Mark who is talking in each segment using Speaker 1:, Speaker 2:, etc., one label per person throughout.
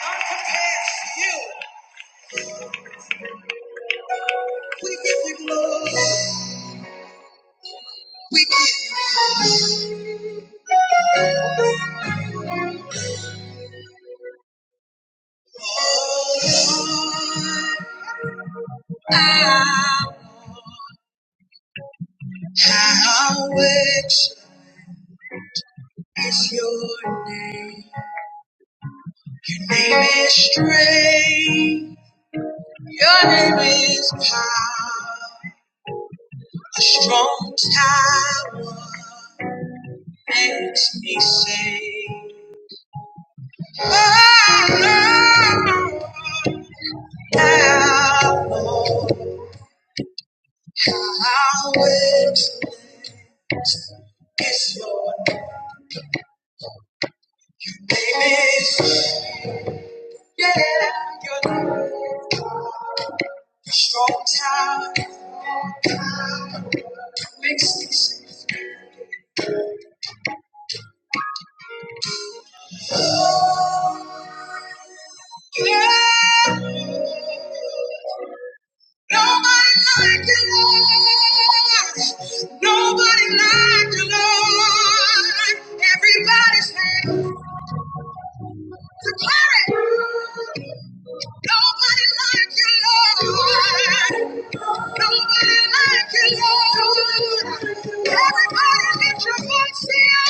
Speaker 1: Our compassion, you. We give you glory. We give you glory. Oh, Lord, I how excellent is your name. Your name is strength. Your name is power. A strong tower makes me sing. Oh, Lord. Lord, how I is your name. Yeah, your name. strong tower makes me sing. Yeah, nobody like you, Lord. Nobody like you, Lord. Everybody's happy. Declare it. Nobody like you, Lord. Nobody like you, Lord. Everybody lift your voice here.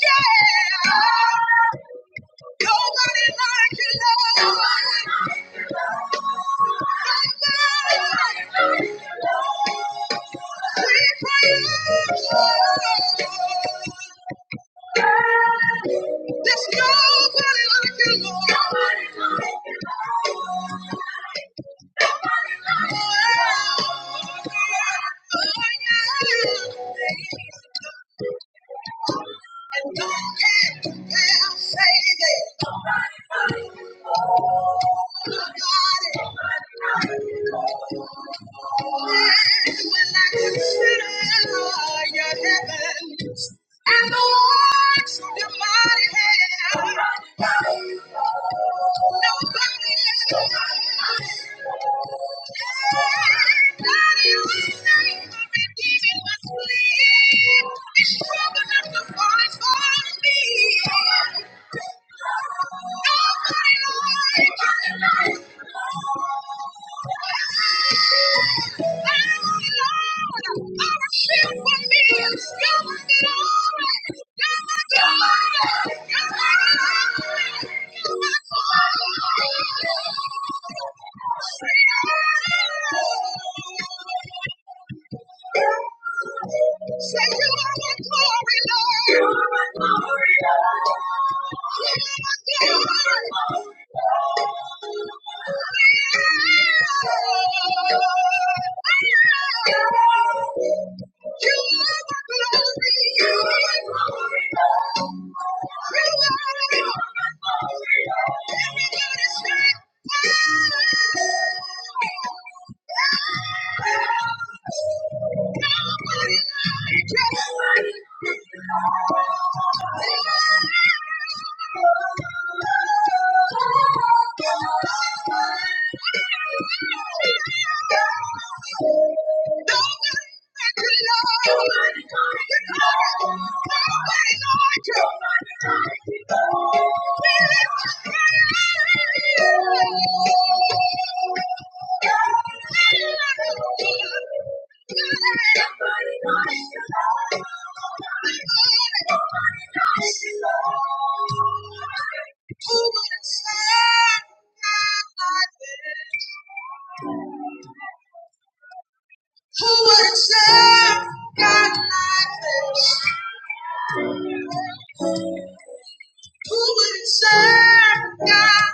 Speaker 1: Yeah. Nobody like you, Lord. Nobody like you, Lord. We praise you. There's nobody like you, Lord. And no can compare, say that. Nobody. And when I consider your heavens and the works of your mighty hand. Nobody Thank you. Say you are my glory, Lord. Thank you. Thank you. Who would have said God like this? Who would have said God like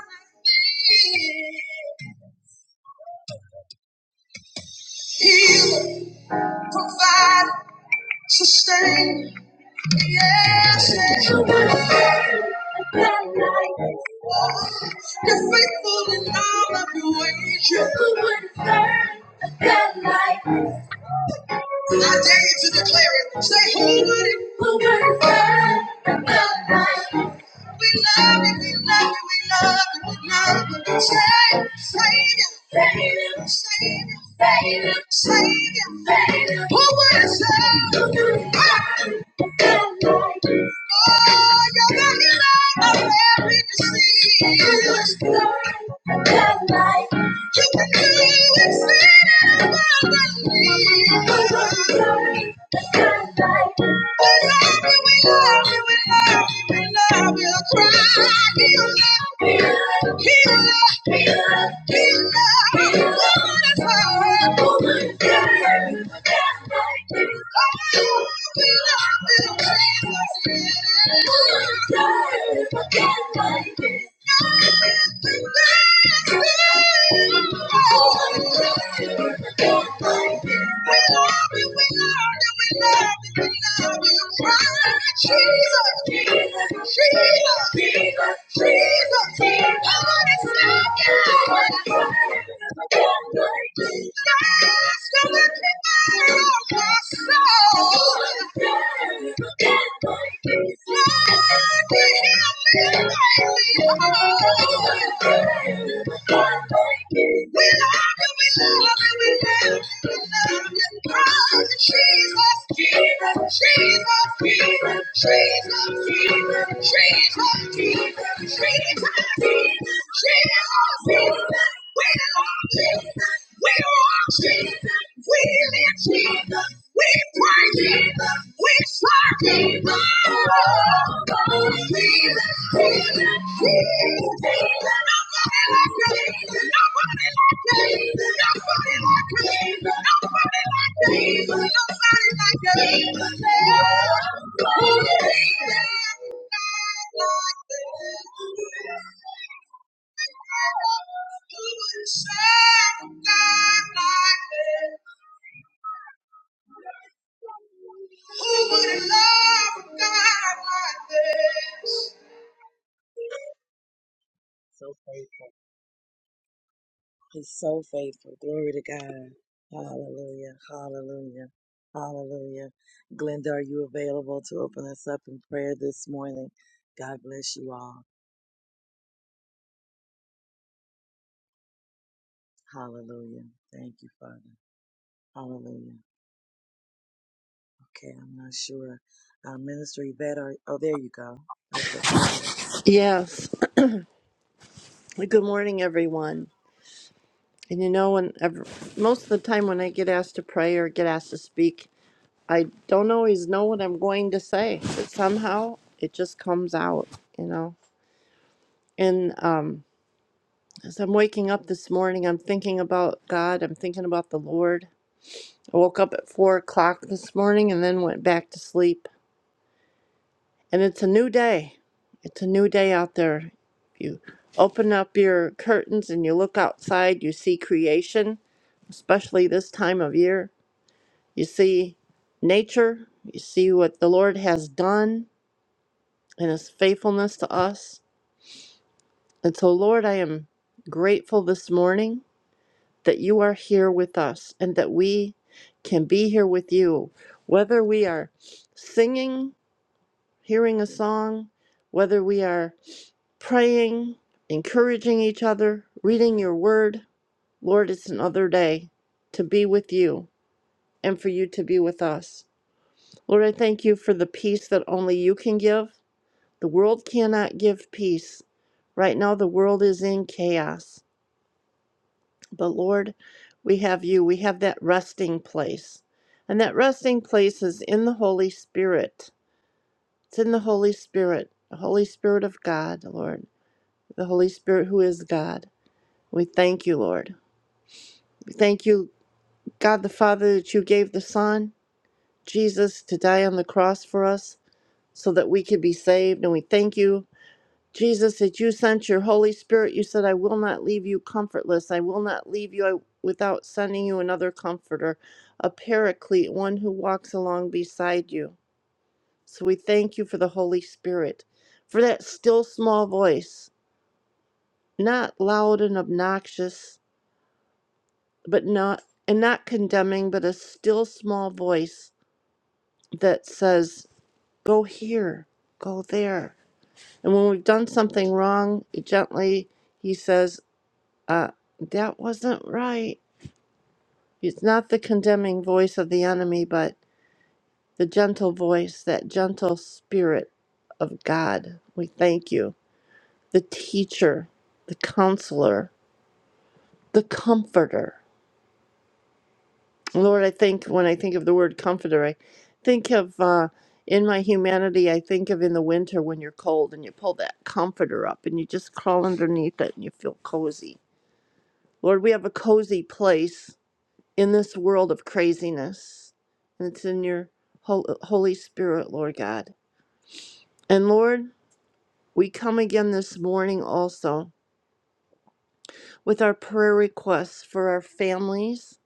Speaker 1: this? He would provide, sustain. Yes, yes. you're faithful in all of your ways. You're the one that light. I dare you to declare it. Say, who would it? Who would it love like we love you, we love you, we love you, we love you. Savior, Savior, Savior, Savior, Savior, Savior. Who would it save? Who would it love like Oh, you're the hero of every disease. Who would it love like You can do it, Thank you. Jesus. We praise Jesus, we pray Jesus, we serve Jesus. Sad, like this. Who would love a God like this?
Speaker 2: Yes. Good morning, everyone. And you know, when ever, most of the time when I get asked to pray or get asked to speak, I don't always know what I'm going to say, but somehow it just comes out, you know. And um, as I'm waking up this morning, I'm thinking about God. I'm thinking about the Lord. I woke up at four o'clock this morning and then went back to sleep. And it's a new day. It's a new day out there. You open up your curtains and you look outside. You see creation especially this time of year. You see nature, you see what the Lord has done and his faithfulness to us. And so, Lord, I am grateful this morning that you are here with us and that we can be here with you, whether we are singing, hearing a song, whether we are praying, encouraging each other, reading your word. Lord, it's another day to be with you and for you to be with us. Lord, I thank you for the peace that only you can give. The world cannot give peace. Right now, the world is in chaos. But Lord, we have you. We have that resting place. And that resting place is in the Holy Spirit. It's in the Holy Spirit, the Holy Spirit of God, Lord, the Holy Spirit who is God. We thank you, Lord. We thank you, God the Father, that you gave the Son, Jesus, to die on the cross for us so that we could be saved. And we thank you Jesus, that you sent your Holy Spirit. You said, I will not leave you comfortless. I will not leave you without sending you another comforter, a paraclete, one who walks along beside you. So we thank you for the Holy Spirit, for that still small voice, not loud and obnoxious, but not and not condemning, but a still small voice that says, Go here, go there. And when we've done something wrong, it gently he says, uh, that wasn't right. It's not the condemning voice of the enemy, but the gentle voice, that gentle spirit of God. We thank you. The teacher, the counselor, the comforter. Lord, I think when I think of the word comforter, I think of uh, in my humanity, I think of in the winter when you're cold and you pull that comforter up and you just crawl underneath it and you feel cozy. Lord, we have a cozy place in this world of craziness. And it's in your Hol- uh, Holy Spirit, Lord God. And Lord, we come again this morning also with our prayer requests for our families,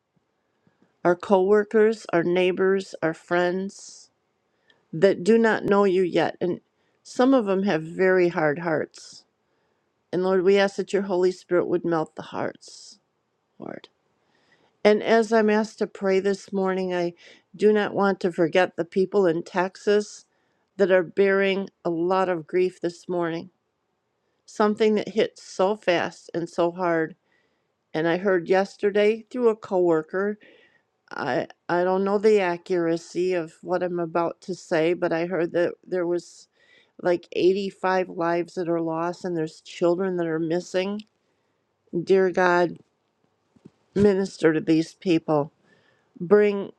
Speaker 2: our coworkers, our neighbors, our friends that do not know you yet. And some of them have very hard hearts. And Lord, we ask that your Holy Spirit would melt the hearts, Lord. And as I'm asked to pray this morning, I do not want to forget the people in Texas that are bearing a lot of grief this morning. Something that hits so fast and so hard. And I heard yesterday through a coworker, I I don't know the accuracy of what I'm about to say, but I heard that there was like 85 lives that are lost and there's children that are missing. Dear God, minister to these people. Bring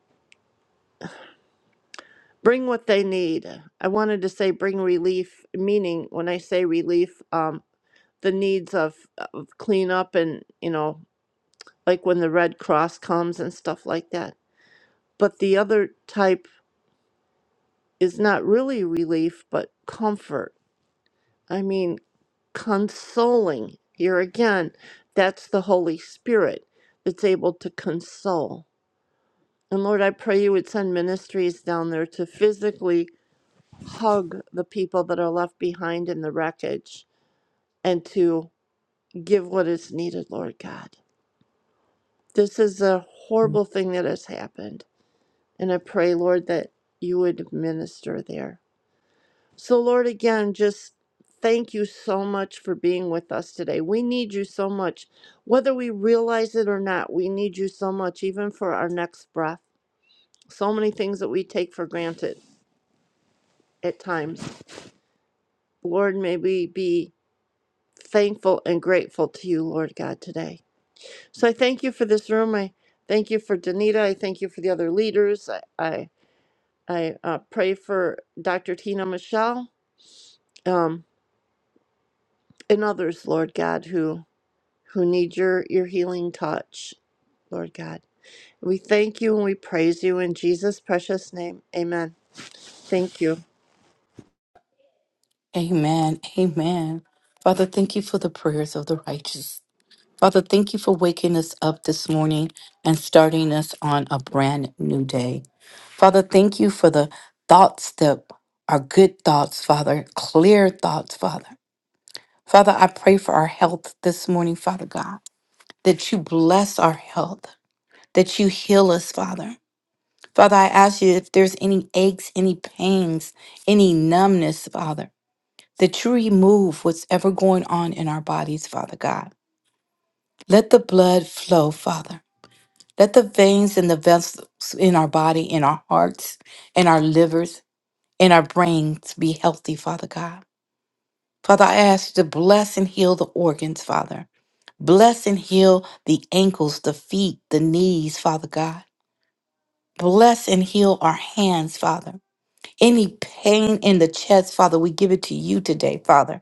Speaker 2: bring what they need. I wanted to say bring relief, meaning when I say relief, um, the needs of, of cleanup and, you know, like when the Red Cross comes and stuff like that. But the other type is not really relief, but comfort. I mean, consoling. Here again, that's the Holy Spirit that's able to console. And Lord, I pray you would send ministries down there to physically hug the people that are left behind in the wreckage and to give what is needed, Lord God. This is a horrible thing that has happened. And I pray, Lord, that you would minister there. So, Lord, again, just thank you so much for being with us today. We need you so much. Whether we realize it or not, we need you so much, even for our next breath. So many things that we take for granted at times. Lord, may we be thankful and grateful to you, Lord God, today. So I thank you for this room. I thank you for Danita. I thank you for the other leaders. I I, I uh, pray for Dr. Tina Michelle um, and others, Lord God, who who need your your healing touch, Lord God. We thank you and we praise you in Jesus' precious name. Amen. Thank you.
Speaker 3: Amen. Amen. Father, thank you for the prayers of the righteous. Father, thank you for waking us up this morning and starting us on a brand new day. Father, thank you for the thoughts that are good thoughts, Father, clear thoughts, Father. Father, I pray for our health this morning, Father God, that you bless our health, that you heal us, Father. Father, I ask you if there's any aches, any pains, any numbness, Father that you remove what's ever going on in our bodies, Father God. Let the blood flow, Father. Let the veins and the vessels in our body, in our hearts, in our livers, in our brains be healthy, Father God. Father, I ask you to bless and heal the organs, Father. Bless and heal the ankles, the feet, the knees, Father God. Bless and heal our hands, Father. Any pain in the chest, Father, we give it to you today, Father.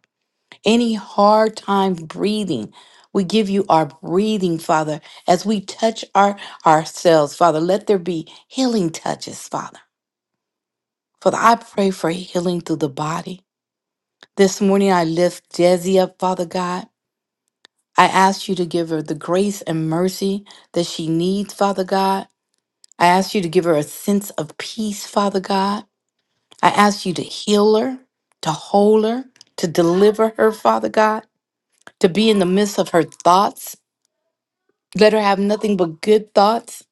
Speaker 3: any hard time breathing. We give you our breathing, Father, as we touch our ourselves, Father. Let there be healing touches, Father. Father, I pray for healing through the body. This morning I lift Desi up, Father God. I ask you to give her the grace and mercy that she needs, Father God. I ask you to give her a sense of peace, Father God. I ask you to heal her, to hold her, to deliver her, Father God, to be in the midst of her thoughts Let her have nothing but good thoughts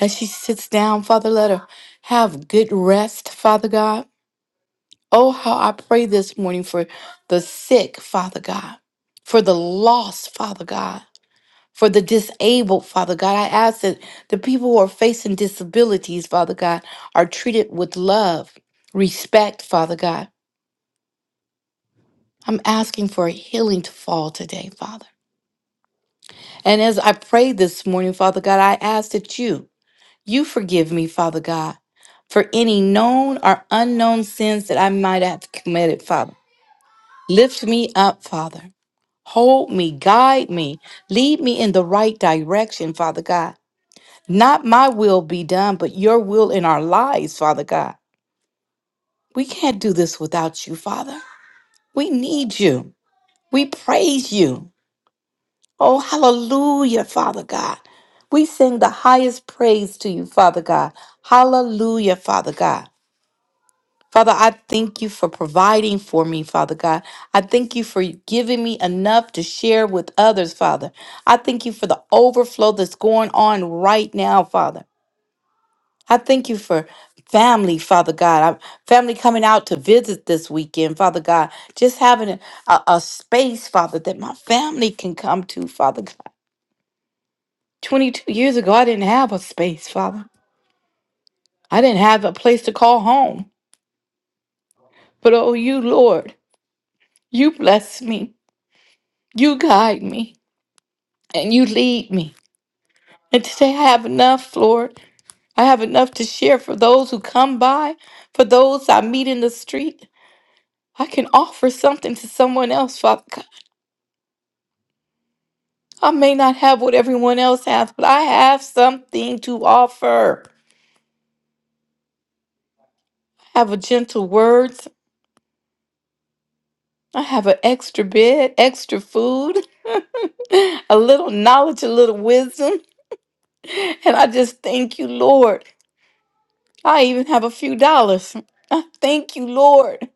Speaker 3: as she sits down, Father. Let her have good rest, Father God. Oh, how I pray this morning for the sick, Father God, for the lost, Father God, for the disabled, Father God. I ask that the people who are facing disabilities, Father God, are treated with love, respect, Father God. I'm asking for a healing to fall today, Father. And as I pray this morning, Father God, I ask that you. You forgive me, Father God, for any known or unknown sins that I might have committed, Father. Lift me up, Father. Hold me, guide me, lead me in the right direction, Father God. Not my will be done, but your will in our lives, Father God. We can't do this without you, Father. We need you. We praise you. Oh, hallelujah, Father God. We sing the highest praise to you, Father God. Hallelujah, Father God. Father, I thank you for providing for me, Father God. I thank you for giving me enough to share with others, Father. I thank you for the overflow that's going on right now, Father. I thank you for family, Father God. I- family coming out to visit this weekend, Father God. Just having a, a, a space, Father, that my family can come to, Father God. 22 years ago, I didn't have a space, Father. I didn't have a place to call home. But oh, you, Lord, you blessed me. You guide me and you lead me. And today I have enough, Lord. I have enough to share for those who come by, for those I meet in the street. I can offer something to someone else, Father God. I may not have what everyone else has, but I have something to offer. I have a gentle words. I have an extra bed, extra food, a little knowledge, a little wisdom. And I just thank you, Lord. I even have a few dollars. I thank you, Lord.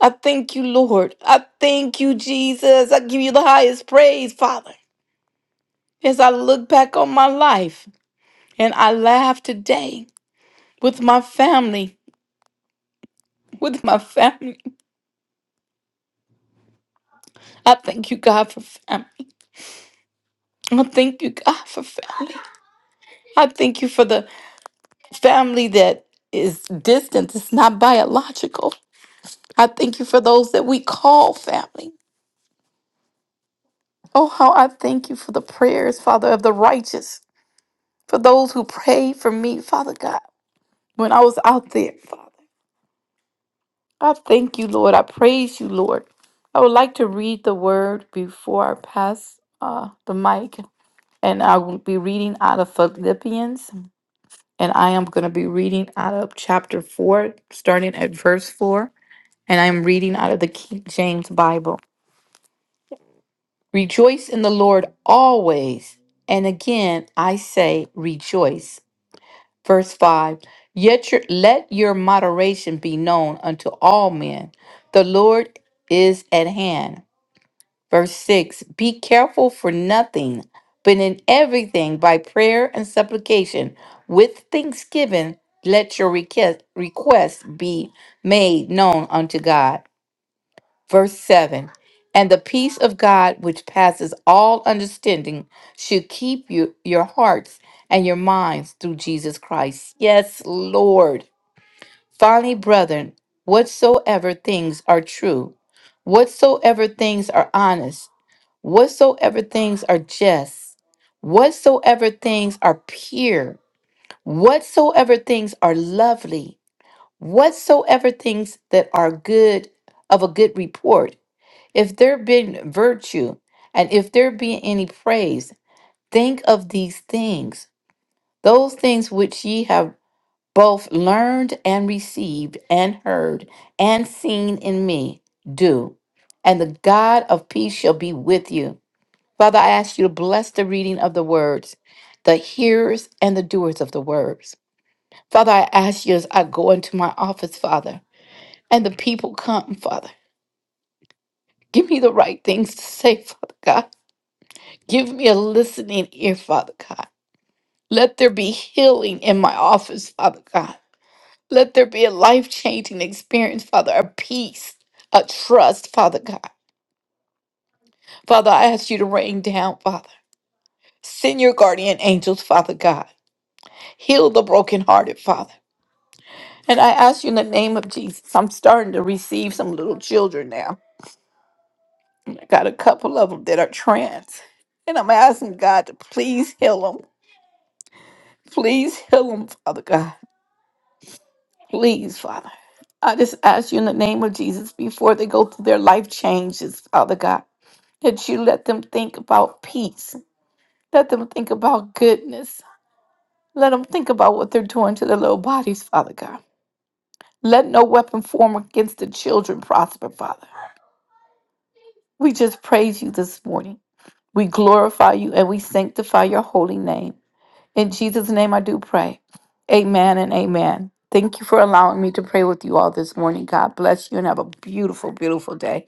Speaker 3: I thank you, Lord. I thank you, Jesus. I give you the highest praise, Father. As I look back on my life and I laugh today with my family, with my family. I thank you, God, for family. I thank you, God, for family. I thank you for the family that is distant, it's not biological. I thank you for those that we call family. Oh, how I thank you for the prayers, Father, of the righteous, for those who pray for me, Father God. when I was out there, Father. I thank you, Lord. I praise you, Lord. I would like to read the word before I pass uh, the mic. And I will be reading out of Philippians. And I am going to be reading out of chapter 4, starting at verse 4. And I'm reading out of the King James Bible. Rejoice in the Lord always. And again, I say rejoice. Verse 5 Yet your, let your moderation be known unto all men. The Lord is at hand. Verse 6 Be careful for nothing, but in everything by prayer and supplication, with thanksgiving, let your request, request be made known unto God. Verse 7 And the peace of God, which passes all understanding, should keep you, your hearts and your minds through Jesus Christ. Yes, Lord. Finally, brethren, whatsoever things are true, whatsoever things are honest, whatsoever things are just, whatsoever things are pure, whatsoever things are lovely, whatsoever things that are good of a good report if there be virtue and if there be any praise, think of these things, those things which ye have both learned and received and heard and seen in me, do, and the God of peace shall be with you. Father, I ask you to bless the reading of the words, the hearers and the doers of the words. Father, I ask you as I go into my office, Father, and the people come, Father. Give me the right things to say, Father God. Give me a listening ear, Father God. Let there be healing in my office, Father God. Let there be a life changing experience, Father, a peace, a trust, Father God. Father, I ask you to rain down, Father. Send your guardian angels, Father God. Heal the brokenhearted, Father. And I ask you in the name of Jesus, I'm starting to receive some little children now. I got a couple of them that are trans. And I'm asking God to please heal them. Please heal them, Father God. Please, Father. I just ask you in the name of Jesus before they go through their life changes, Father God, that you let them think about peace. Let them think about goodness. Let them think about what they're doing to their little bodies, Father God. Let no weapon form against the children prosper, Father. We just praise you this morning. We glorify you and we sanctify your holy name. In Jesus' name, I do pray. Amen and amen. Thank you for allowing me to pray with you all this morning. God bless you and have a beautiful, beautiful day.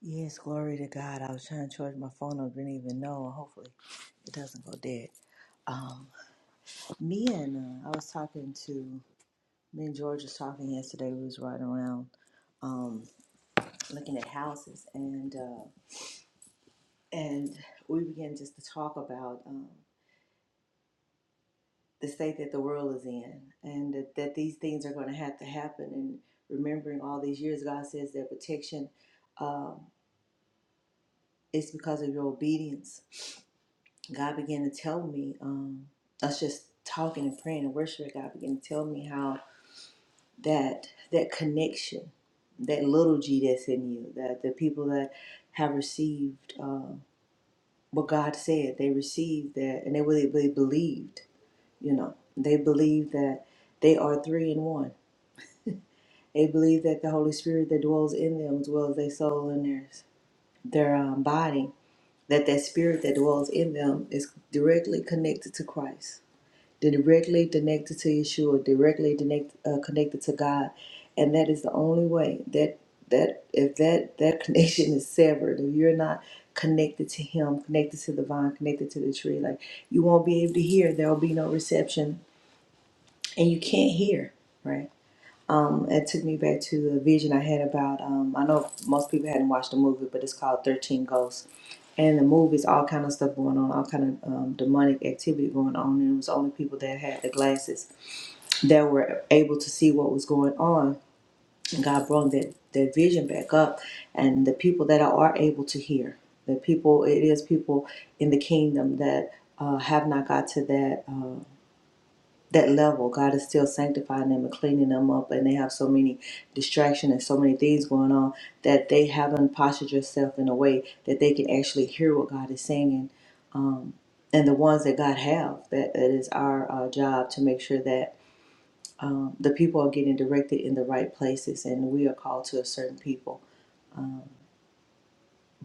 Speaker 4: Yes, glory to God. I was trying to charge my phone up, didn't even know. and Hopefully, it doesn't go dead. Um, me and uh, I was talking to me and George was talking yesterday. We was riding around, um, looking at houses, and uh, and we began just to talk about um, the state that the world is in, and that, that these things are going to have to happen. And remembering all these years, God says that protection um, is because of your obedience God began to tell me, um, us just talking and praying and worshiping, God began to tell me how that that connection, that little G that's in you, that the people that have received uh, what God said, they received that, and they really, really believed. You know, they believe that they are three in one. They believe that the Holy Spirit that dwells in them dwells their soul and their their um, body. That that spirit that dwells in them is directly connected to Christ directly connected to Yeshua, directly connect, uh, connected to God, and that is the only way that that if that that connection is severed, if you're not connected to Him, connected to the vine, connected to the tree, like you won't be able to hear. There will be no reception, and you can't hear. Right. Um, it took me back to a vision I had about. Um, I know most people hadn't watched the movie, but it's called Thirteen Ghosts and the movies, all kind of stuff going on, all kind of um, demonic activity going on, and it was only people that had the glasses that were able to see what was going on. And God brought that, that vision back up. And the people that are able to hear, the people, it is people in the kingdom that uh, have not got to that uh, that level. God is still sanctifying them and cleaning them up, and they have so many distractions and so many things going on that they haven't postured yourself in a way that they can actually hear what God is saying. And the ones that God have, that it is our uh, job to make sure that the people are getting directed in the right places and we are called to a certain people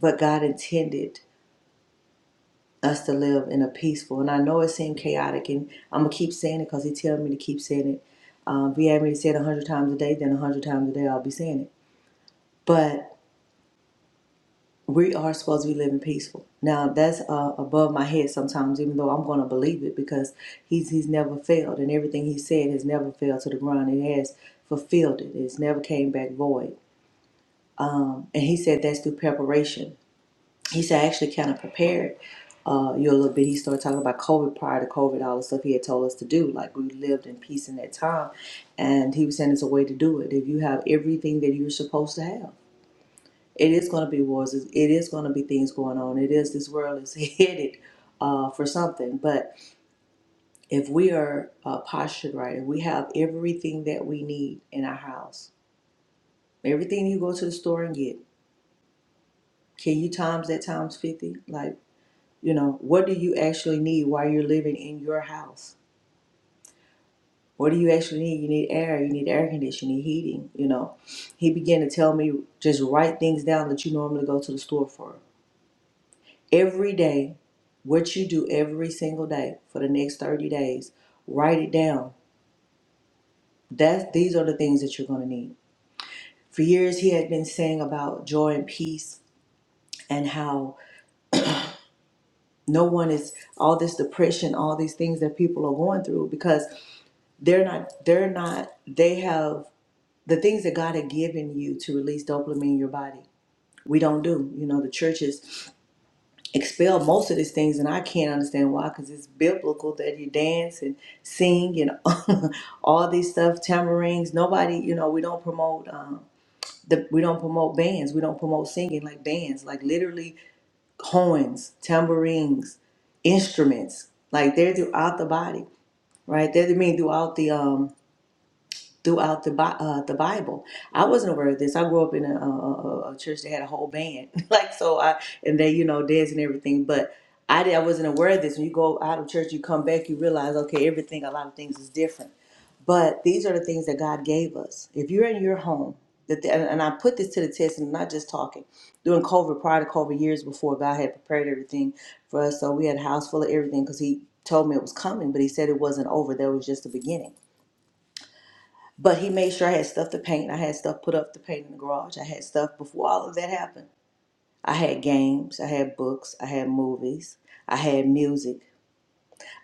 Speaker 4: but god intended us to live in a peaceful and i know it seemed chaotic and i'm gonna keep saying it because he tells me to keep saying it um, if he had me to say it 100 times a day then 100 times a day i'll be saying it but we are supposed to be living peaceful now that's uh, above my head sometimes even though i'm gonna believe it because he's he's never failed and everything he said has never failed to the ground it has fulfilled it it's never came back void and he said that's through preparation he said, I actually kind of prepared uh, you a little bit. He started talking about COVID prior to COVID, all the stuff he had told us to do. Like we lived in peace in that time. And he was saying it's a way to do it. If you have everything that you're supposed to have, it is going to be wars. It is going to be things going on. It is, this world is headed uh, for something. But if we are uh, postured right, if we have everything that we need in our house, everything you go to the store and get, can you times that times 50? Like, You know, what do you actually need while you're living in your house? What do you actually need? You need air, you need air conditioning, heating, you know. He began to tell me just write things down that you normally go to the store for. Every day, what you do every single day for the next 30 days, write it down. That's these are the things that you're gonna need. For years he had been saying about joy and peace and how no one is all this depression, all these things that people are going through because they're not they're not they have the things that god had given you to release dopamine in your body we don't do you know the churches expel most of these things and i can't understand why because it's biblical that you dance and sing and all these stuff Tambourines. nobody you know we don't promote um the, we don't promote bands we don't promote singing like bands like literally horns tambourines instruments like they're throughout the body right they're the mean throughout the um throughout the Bi- uh, the Bible. I wasn't aware of this. I grew up in a, a, a church that had a whole band, like so. I and they, you know, dance and everything. But I did, I wasn't aware of this. When you go out of church, you come back, you realize, okay, everything, a lot of things is different. But these are the things that God gave us. If you're in your home, that the, and and I put this to the test, and I'm not just talking. During COVID, prior to COVID, years before, God had prepared everything for us. So we had a house full of everything because He told me it was coming, but He said it wasn't over. That was just the beginning. But he made sure I had stuff to paint. I had stuff put up to paint in the garage. I had stuff before all of that happened. I had games. I had books. I had movies. I had music.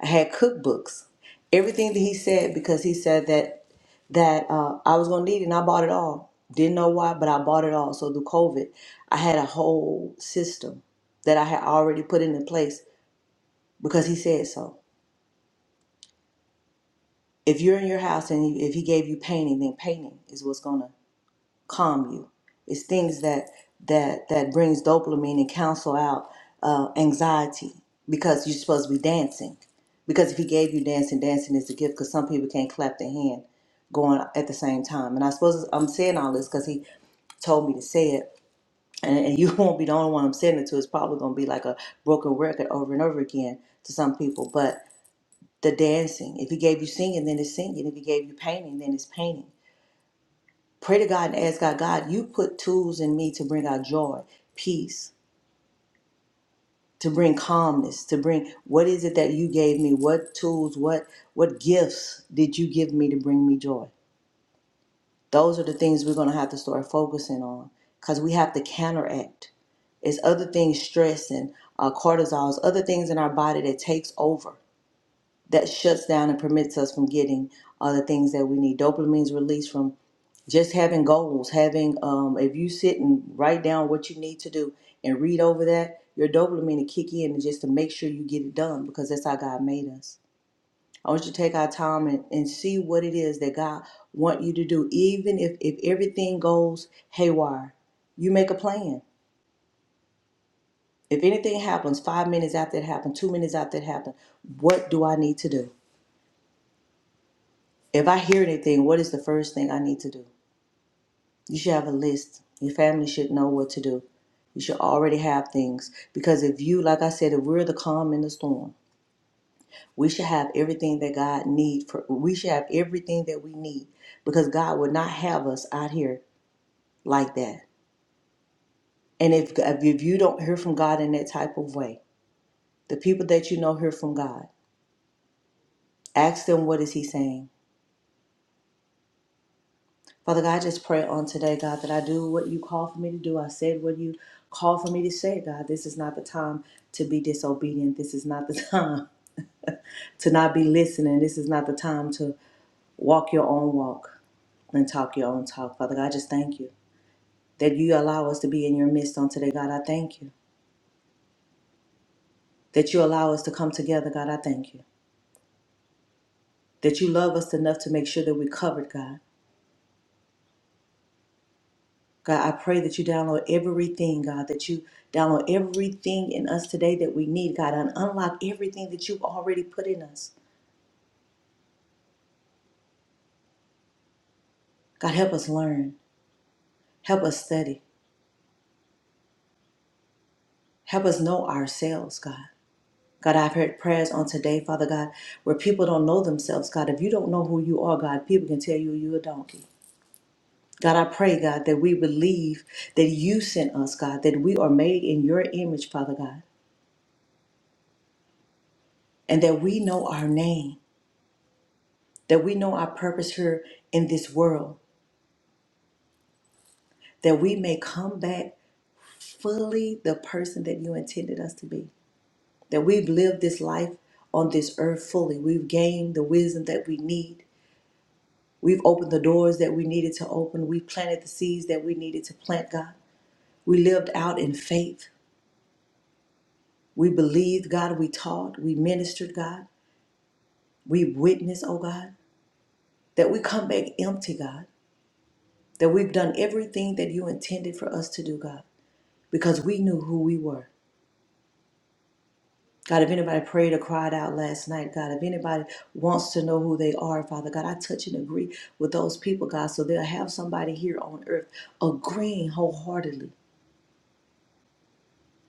Speaker 4: I had cookbooks. Everything that he said because he said that that uh, I was gonna need it, and I bought it all. Didn't know why, but I bought it all. So through COVID, I had a whole system that I had already put into place because he said so. If you're in your house and you, if he gave you painting, then painting is what's gonna calm you. It's things that that that brings dopamine and cancel out uh, anxiety because you're supposed to be dancing. Because if he gave you dancing, dancing is a gift. Because some people can't clap their hand going at the same time. And I suppose I'm saying all this because he told me to say it. And, and you won't be the only one I'm saying it to. It's probably going to be like a broken record over and over again to some people. But the dancing, if he gave you singing, then it's singing. If he gave you painting, then it's painting Pray to God and ask God, God, you put tools in me to bring out joy, peace, to bring calmness, to bring what is it that you gave me? What tools, what what gifts did you give me to bring me joy? Those are the things we're gonna have to start focusing on because we have to counteract. It's other things, stress and uh, cortisol, it's other things in our body that takes over, that shuts down and permits us from getting all the things that we need. Dopamine's released from just having goals, having um, if you sit and write down what you need to do and read over that, your dopamine will kick in just to make sure you get it done because that's how God made us. I want you to take our time and, and see what it is that God want you to do, even if if everything goes haywire. You make a plan. If anything happens, five minutes after it happened, two minutes after it happened, what do I need to do? If I hear anything, what is the first thing I need to do? You should have a list. Your family should know what to do. You should already have things because if you, like I said, if we're the calm in the storm, we should have everything that God need for. We should have everything that we need because God would not have us out here like that. And if if you don't hear from God in that type of way, the people that you know hear from God. Ask them what is He saying Father God, I just pray on today, God, that I do what you call for me to do. I said what you call for me to say, God. This is not the time to be disobedient. This is not the time to not be listening. This is not the time to walk your own walk and talk your own talk. Father God, I just thank you that you allow us to be in your midst on today, God. I thank you that you allow us to come together, God. I thank you that you love us enough to make sure that we're covered, God. God, I pray that you download everything, God, that you download everything in us today that we need, God, and unlock everything that you've already put in us. God, help us learn. Help us study. Help us know ourselves, God. God, I've heard prayers on today, Father God, where people don't know themselves, God. If you don't know who you are, God, people can tell you you're a donkey. God, I pray, God, that we believe that you sent us, God, that we are made in your image, Father God, and that we know our name, that we know our purpose here in this world that we may come back fully the person that you intended us to be. That we've lived this life on this earth fully. We've gained the wisdom that we need. We've opened the doors that we needed to open. We planted the seeds that we needed to plant, God. We lived out in faith. We believed, God. We taught. We ministered, God. We witnessed, oh God. That we come back empty, God. That we've done everything that you intended for us to do, God, because we knew who we were God, if anybody prayed or cried out last night, God, if anybody wants to know who they are, Father God, I touch and agree with those people, God, so they'll have somebody here on earth agreeing wholeheartedly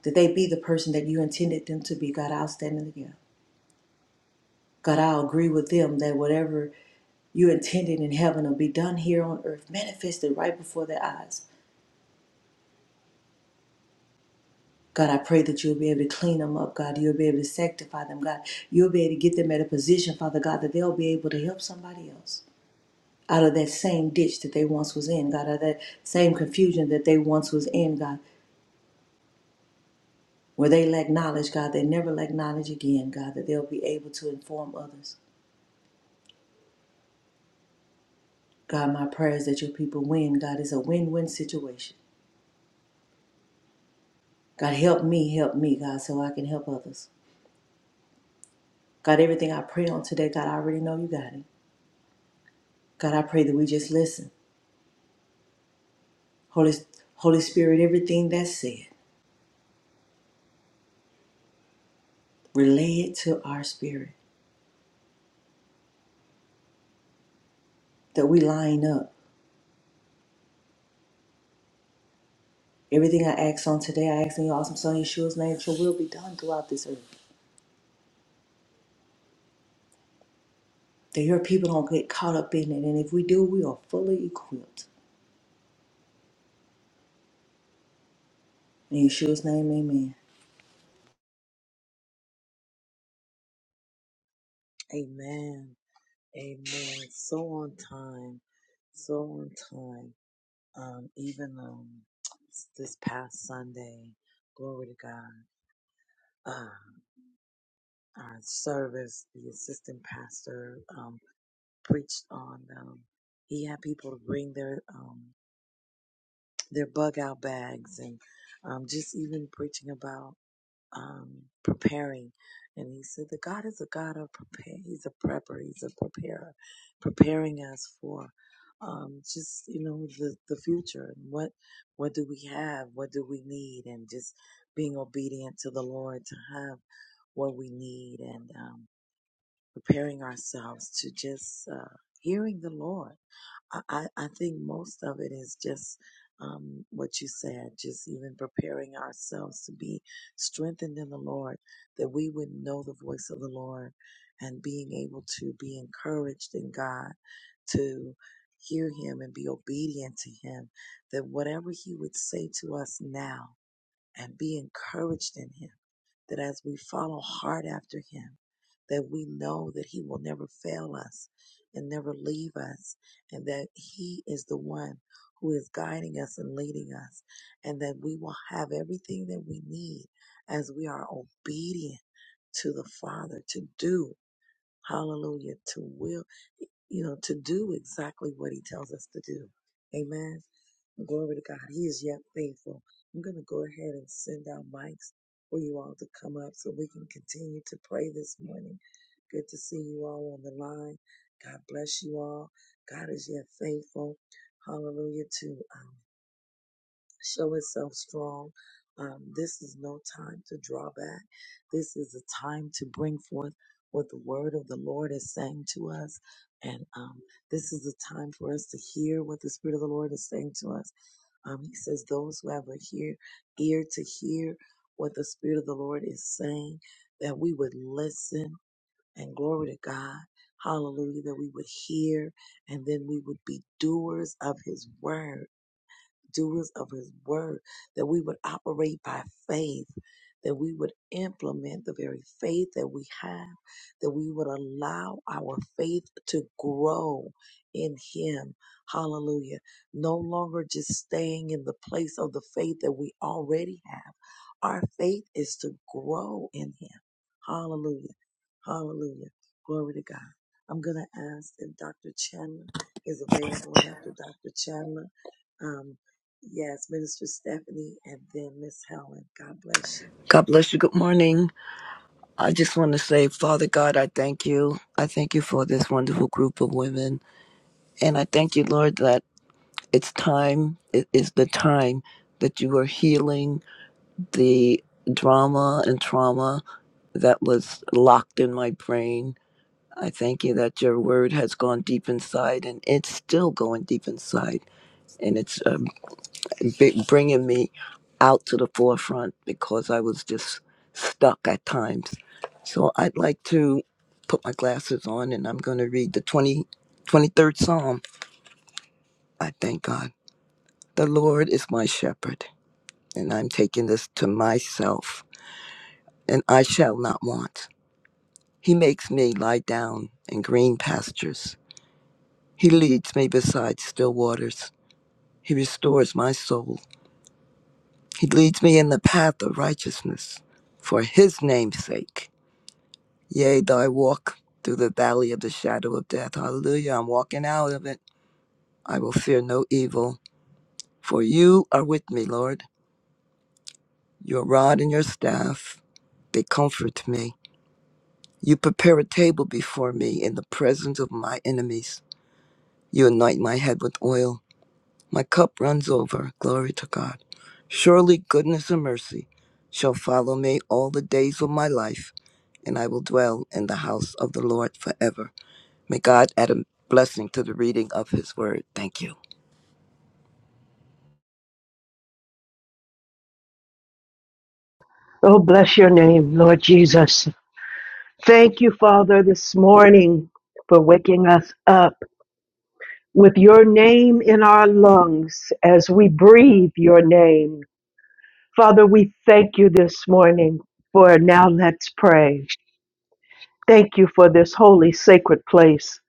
Speaker 4: that they be the person that you intended them to be. God, I'll stand in the gap. God, I'll agree with them that whatever you intended in heaven will be done here on earth, manifested right before their eyes. God, I pray that you'll be able to clean them up, God. You'll be able to sanctify them, God. You'll be able to get them at a position, Father God, that they'll be able to help somebody else. out of that same ditch that they once was in, God, out of that same confusion that they once was in, God, where they lack knowledge, God, they never lack knowledge again, God, that they'll be able to inform others. God, my prayer is that your people win, God, is a win-win situation. God, help me, help me, God, so I can help others. God, everything I pray on today, God, I already know you got it. God, I pray that we just listen. Holy, Holy Spirit, everything that's said, relay it to our spirit, that we line up Everything I ask on today, I ask in your awesome son Yeshua's name, that your will be done throughout this earth. That your people don't get caught up in it. And if we do, we are fully equipped. In Yeshua's name, amen.
Speaker 5: God bless you. Good morning. I just want to say, Father God, I thank you. I thank you for this wonderful group of women. And I thank you, Lord, that it's time, it is the time that you are healing the drama and trauma that was locked in my brain. I thank you that your word has gone deep inside and it's still going deep inside. And it's uh, b- bringing me out to the forefront because I was just stuck at times. So I'd like to put my glasses on and I'm going to read the 20, 23rd Psalm. I thank God. The Lord is my shepherd, and I'm taking this to myself, and I shall not want. He makes me lie down in green pastures. He leads me beside still waters. He restores my soul. He leads me in the path of righteousness for his name's sake. Yea, though I walk through the valley of the shadow of death. Hallelujah. I'm walking out of it. I will fear no evil, for you are with me, Lord. Your rod and your staff, they comfort me. You prepare a table before me in the presence of my enemies. You anoint my head with oil. My cup runs over. Glory to God. Surely goodness and mercy shall follow me all the days of my life, and I will dwell in the house of the Lord forever. May God add a blessing to the reading of his word. Thank you.
Speaker 6: Oh, bless your name, Lord Jesus. Thank you, Father, this morning for waking us up with your name in our lungs as we breathe your name. Father, we thank you this morning for now let's pray. Thank you for this holy, sacred place.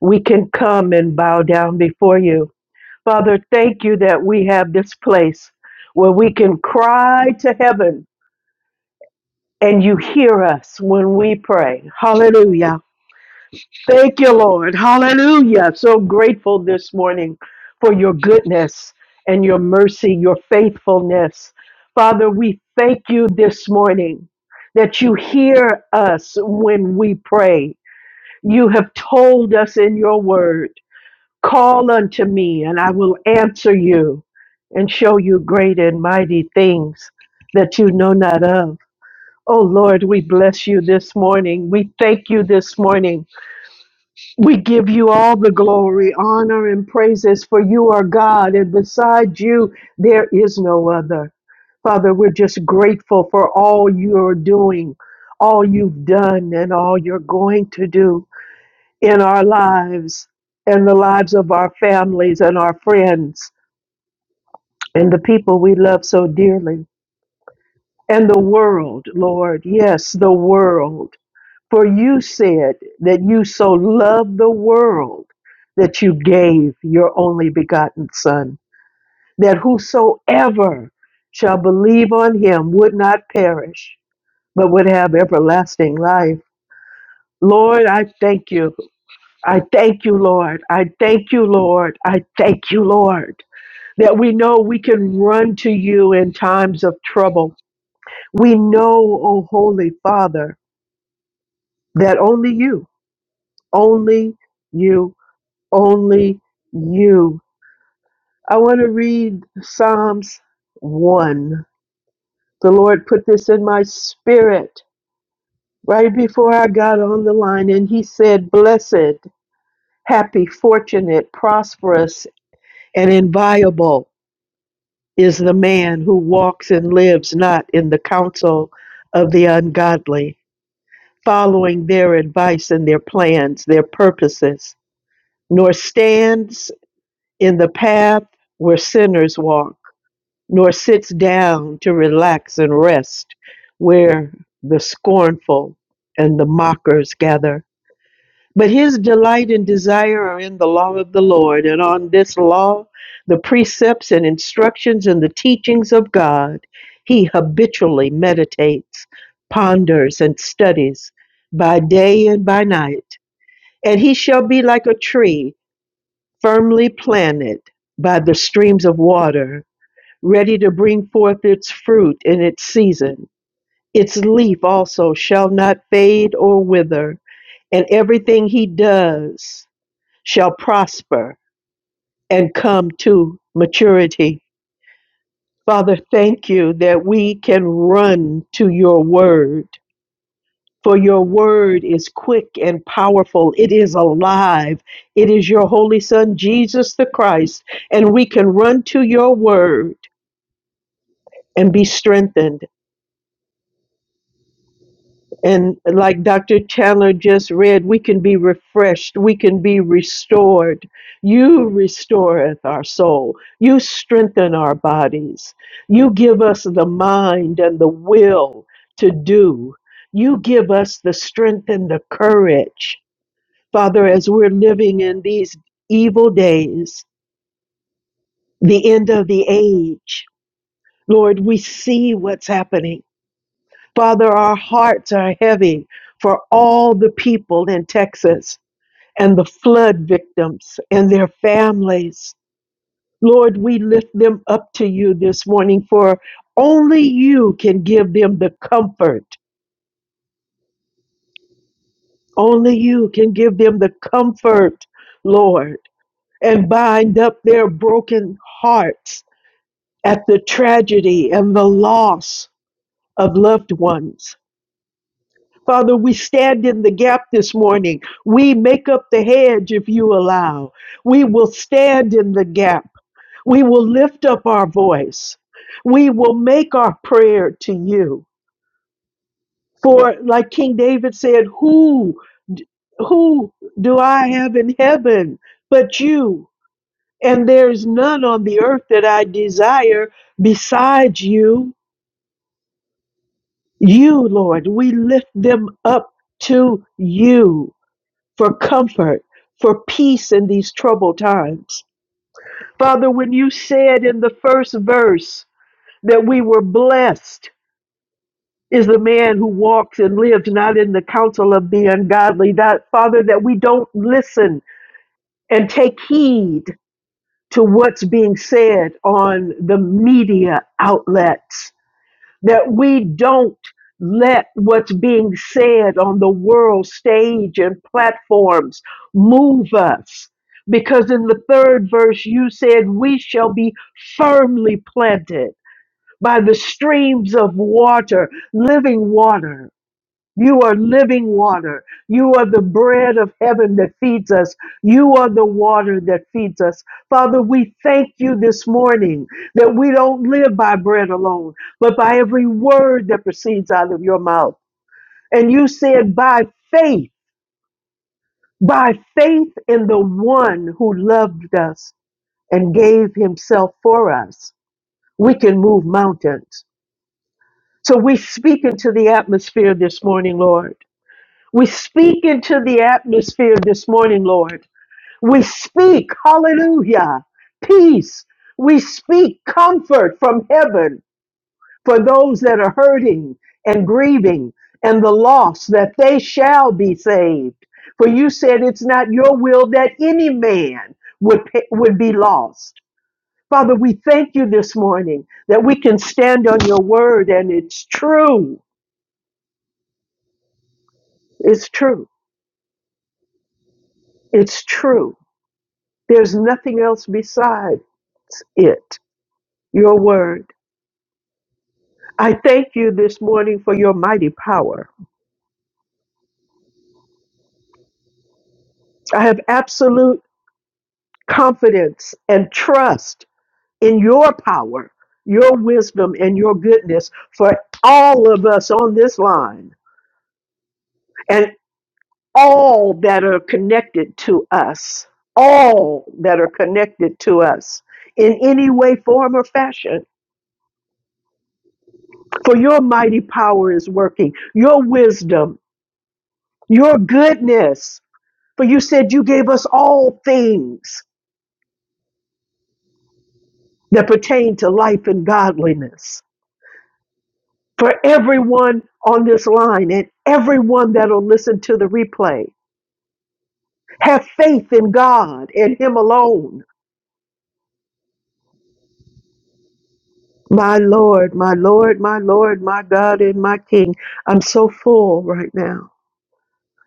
Speaker 6: We can come and bow down before you. Father, thank you that we have this place where we can cry to heaven and you hear us when we pray. Hallelujah. Thank you, Lord. Hallelujah. So grateful this morning for your goodness and your mercy, your faithfulness. Father, we thank you this morning that you hear us when we pray. You have told us in your word, call unto me and I will answer you and show you great and mighty things that you know not of. Oh Lord, we bless you this morning. We thank you this morning we give you all the glory, honor, and praises, for you are God, and beside you there is no other. Father, we're just grateful for all you're doing, all you've done, and all you're going to do in our lives and the lives of our families and our friends and the people we love so dearly and the world, Lord. Yes, the world. For you said that you so loved the world that you gave your only begotten Son, that whosoever shall believe on him would not perish, but would have everlasting life. Lord, I thank you. I thank you, Lord. I thank you, Lord. I thank you, Lord, that we know we can run to you in times of trouble. We know, O Holy Father, that only you, only you only you. I want to read Psalms 1. The Lord put this in my spirit right before I got on the line, and He said, Blessed, happy, fortunate, prosperous, and inviolable is the man who walks and lives not in the counsel of the ungodly, following their advice and their plans, their purposes, nor stands in the path where sinners walk nor sits down to relax and rest where the scornful and the mockers gather. But his delight and desire are in the law of the Lord, and on this law, the precepts and instructions and the teachings of God, he habitually meditates, ponders, and studies by day and by night. And he shall be like a tree firmly planted by the streams of water ready to bring forth its fruit in its season. Its leaf also shall not fade or wither, and everything he does shall prosper and come to maturity. Father, thank you that we can run to your word. For your word is quick and powerful. It is alive. It is your Holy Son, Jesus the Christ. And we can run to your word and be strengthened And like Dr. Chandler just read, we can be refreshed, we can be restored. You restoreth our soul, you strengthen our bodies, you give us the mind and the will to do, you give us the strength and the courage. Father, as we're living in these evil days, the end of the age, Lord, we see what's happening. Father, our hearts are heavy for all the people in Texas and the flood victims and their families. Lord, we lift them up to you this morning, for only you can give them the comfort. Only you can give them the comfort, Lord, and bind up their broken hearts at the tragedy and the loss of loved ones. Father, we stand in the gap this morning. We make up the hedge if you allow. We will stand in the gap. We will lift up our voice. We will make our prayer to you. For like King David said, who who do I have in heaven but you? And there's none on the earth that I desire besides you. You, Lord, we lift them up to you. for comfort, for peace in these troubled times. Father, when you said in the first verse that we were blessed is the man who walks and lives not in the counsel of the ungodly, that Father, that we don't listen and take heed to what's being said on the media outlets that we don't let what's being said on the world stage and platforms move us. Because in the third verse, you said, We shall be firmly planted by the streams of water, living water you are living water. You are the bread of heaven that feeds us. You are the water that feeds us. Father, we thank you this morning that we don't live by bread alone, but by every word that proceeds out of your mouth. And you said, by faith, by faith in the one who loved us and gave himself for us, we can move mountains. So we speak into the atmosphere this morning, Lord. We speak into the atmosphere this morning, Lord. We speak, hallelujah, peace. We speak comfort from heaven for those that are hurting and grieving and the lost, that they shall be saved. For you said it's not your will that any man would, pe- would be lost. Father, we thank you this morning that we can stand on your word and it's true. It's true. It's true. There's nothing else besides it, your word. I thank you this morning for your mighty power. I have absolute confidence and trust in your power, your wisdom, and your goodness for all of us on this line and all that are connected to us, all that are connected to us in any way, form, or fashion. For your mighty power is working, your wisdom your goodness. For you said you gave us all things that pertain to life and godliness. For everyone on this line and everyone that'll listen to the replay, have faith in God and Him alone. My Lord, my Lord, my Lord, my God and my King. I'm so full right now.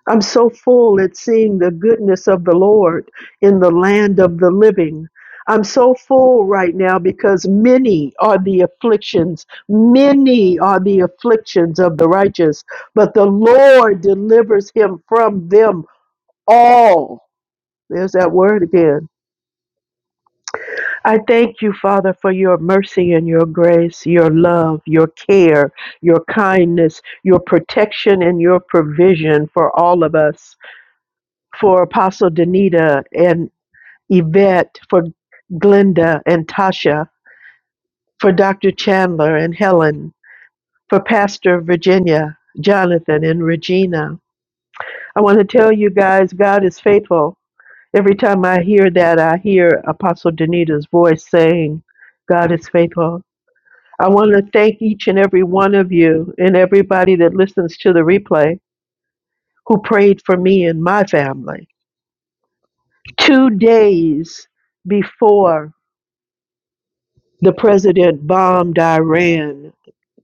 Speaker 6: I'm so full at seeing the goodness of the Lord in the land of the living. I'm so full right now because many are the afflictions. Many are the afflictions of the righteous, but the Lord delivers him from them all. There's that word again. I thank you, Father, for your mercy and your grace, your love, your care, your kindness, your protection, and your provision for all of us. for Apostle Danita and Yvette, for Glenda and Tasha, for Dr. Chandler and Helen, for Pastor Virginia, Jonathan, and Regina. I want to tell you guys, God is faithful. Every time I hear that, I hear Apostle Danita's voice saying, God is faithful. I want to thank each and every one of you and everybody that listens to the replay who prayed for me and my family. Two days before The president bombed Iran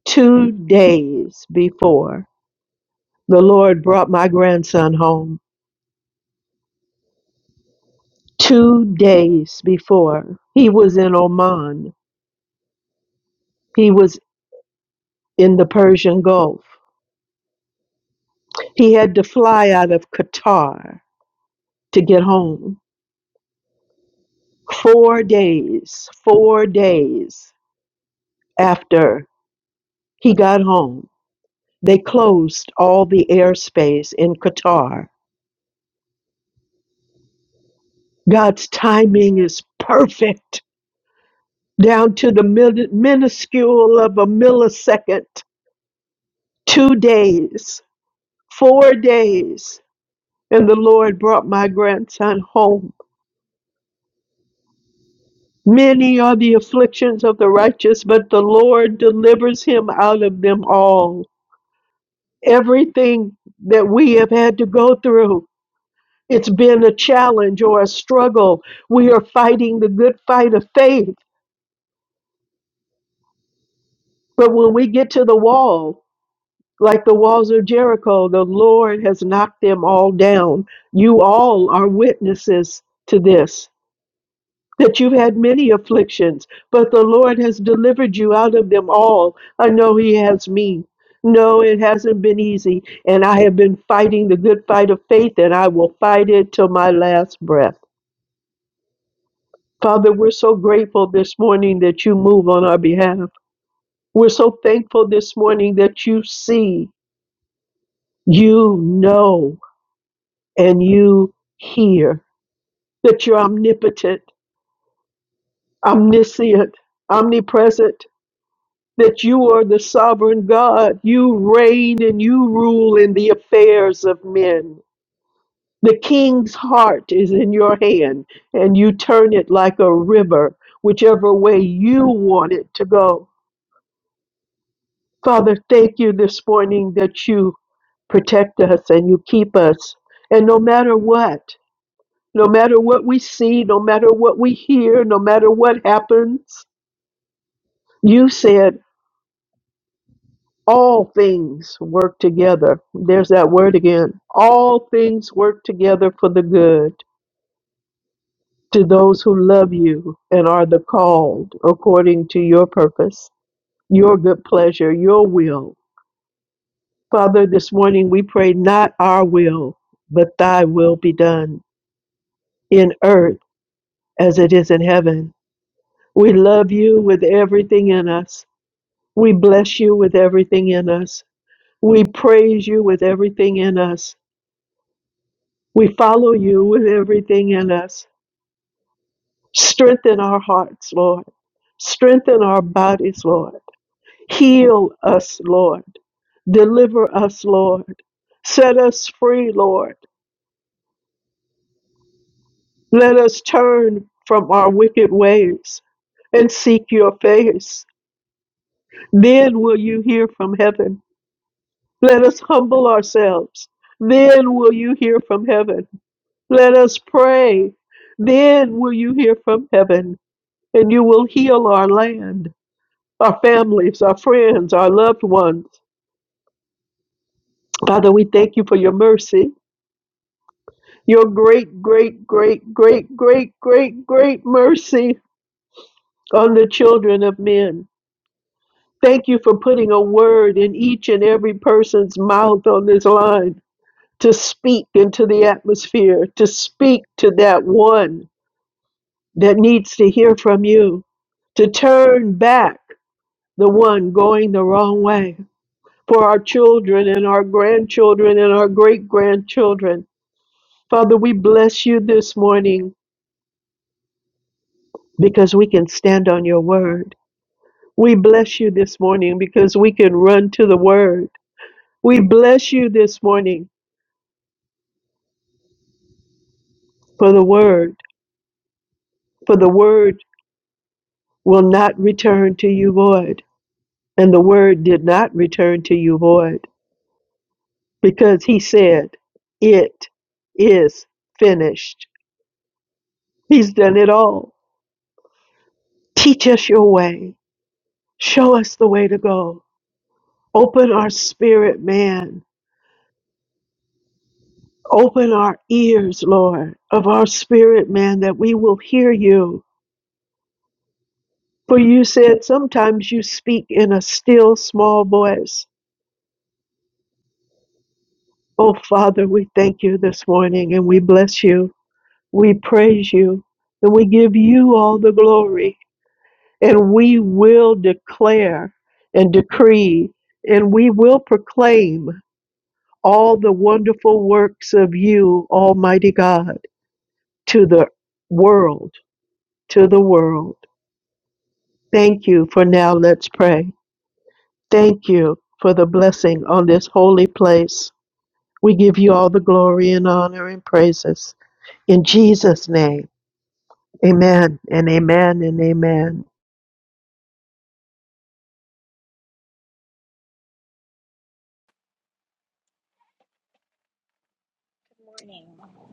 Speaker 6: two days before. The Lord brought my grandson home two days before. He was in Oman, he was in the Persian Gulf. He had to fly out of Qatar to get home. Four days, four days after he got home, they closed all the airspace in Qatar. God's timing is perfect. down to the mil- minuscule of a millisecond, two days, four days, and the Lord brought my grandson home. Many are the afflictions of the righteous, but the Lord delivers him out of them all. Everything that we have had to go through, it's been a challenge or a struggle. We are fighting the good fight of faith, but when we get to the wall, Like the walls of Jericho, the Lord has knocked them all down. You all are witnesses to this, that you've had many afflictions, but the Lord has delivered you out of them all. I know He has me. No, it hasn't been easy, and I have been fighting the good fight of faith, and I will fight it till my last breath. Father, we're so grateful this morning that you move on our behalf. We're so thankful this morning that you see, you know. and you hear that you're omnipotent, omniscient, omnipresent, that you are the sovereign God. You reign and you rule in the affairs of men. The king's heart is in your hand, and you turn it like a river, whichever way you want it to go. Father, thank you this morning that you protect us and you keep us. And no matter what, No matter what we see, no matter what we hear, no matter what happens, you said all things work together. There's that word again. All things work together for the good to those who love you and are the called according to your purpose, your good pleasure, your will. Father, this morning we pray not our will, but thy will be done in earth as it is in heaven. We love you with everything in us. We bless you with everything in us. We praise you with everything in us. We follow you with everything in us. Strengthen our hearts, Lord. Strengthen our bodies, Lord. Heal us, Lord. Deliver us, Lord. Set us free, Lord. Let us turn from our wicked ways and seek your face. Then will you hear from heaven. Let us humble ourselves. Then will you hear from heaven. Let us pray. Then will you hear from heaven, and you will heal our land, our families, our friends, our loved ones. Father, we thank you for your mercy, your great, great, great, great, great, great, great mercy on the children of men. Thank you for putting a word in each and every person's mouth on this line to speak into the atmosphere, to speak to that one that needs to hear from you to turn back the one going the wrong way for our children and our grandchildren and our great grandchildren. Father, we bless you this morning because we can stand on your word. We bless you this morning because we can run to the word. We bless you this morning for the word, for the word will not return to you void. And the word did not return to you void. because he said, It is finished. He's done it all. Teach us your way. Show us the way to go. Open our spirit, man. Open our ears, Lord, of our spirit, man, that we will hear you. For you said sometimes you speak in a still small voice. Oh, Father, we thank you this morning and we bless you. We praise you and we give you all the glory. and we will declare and decree and we will proclaim all the wonderful works of you, Almighty God, to the world, to the world. Thank you for now. Let's pray. Thank you for the blessing on this holy place. We give you all the glory and honor and praises. In Jesus' name, amen and amen and amen.
Speaker 7: Good morning. Good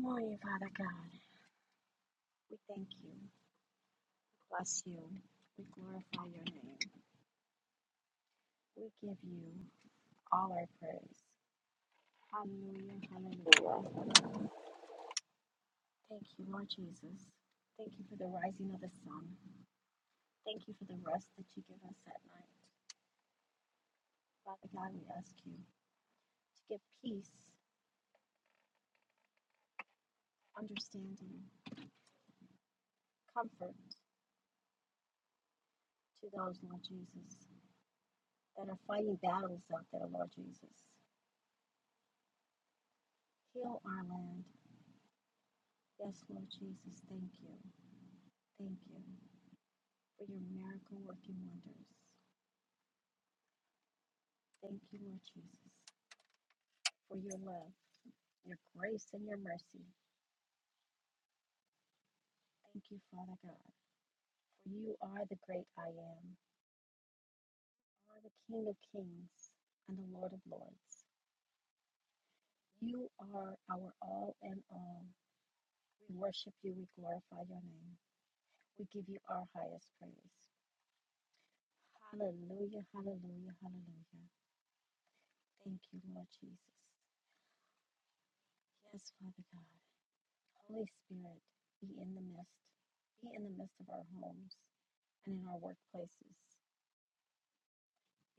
Speaker 7: morning, Father God. We thank you. Bless you. We glorify your name. We give you all our praise. Hallelujah. Hallelujah. Thank you, Lord Jesus. Thank you for the rising of the sun. Thank you for the rest that you give us at night. Father God, we ask you to give peace, understanding, comfort to those, Lord Jesus, that are fighting battles out there, Lord Jesus. Heal our land. Yes, Lord Jesus, thank you. Thank you for your miracle working wonders. Thank you, Lord Jesus, for your love, your grace, and your mercy. Thank you, Father God, for you are the great I am, you are the King of kings and the Lord of lords. You are our all and all. We worship you, we glorify your name, we give you our highest praise. Hallelujah, hallelujah, hallelujah. Thank you, Lord Jesus. Yes, Father God. Holy Spirit, be in the midst. Be in the midst of our homes and in our workplaces.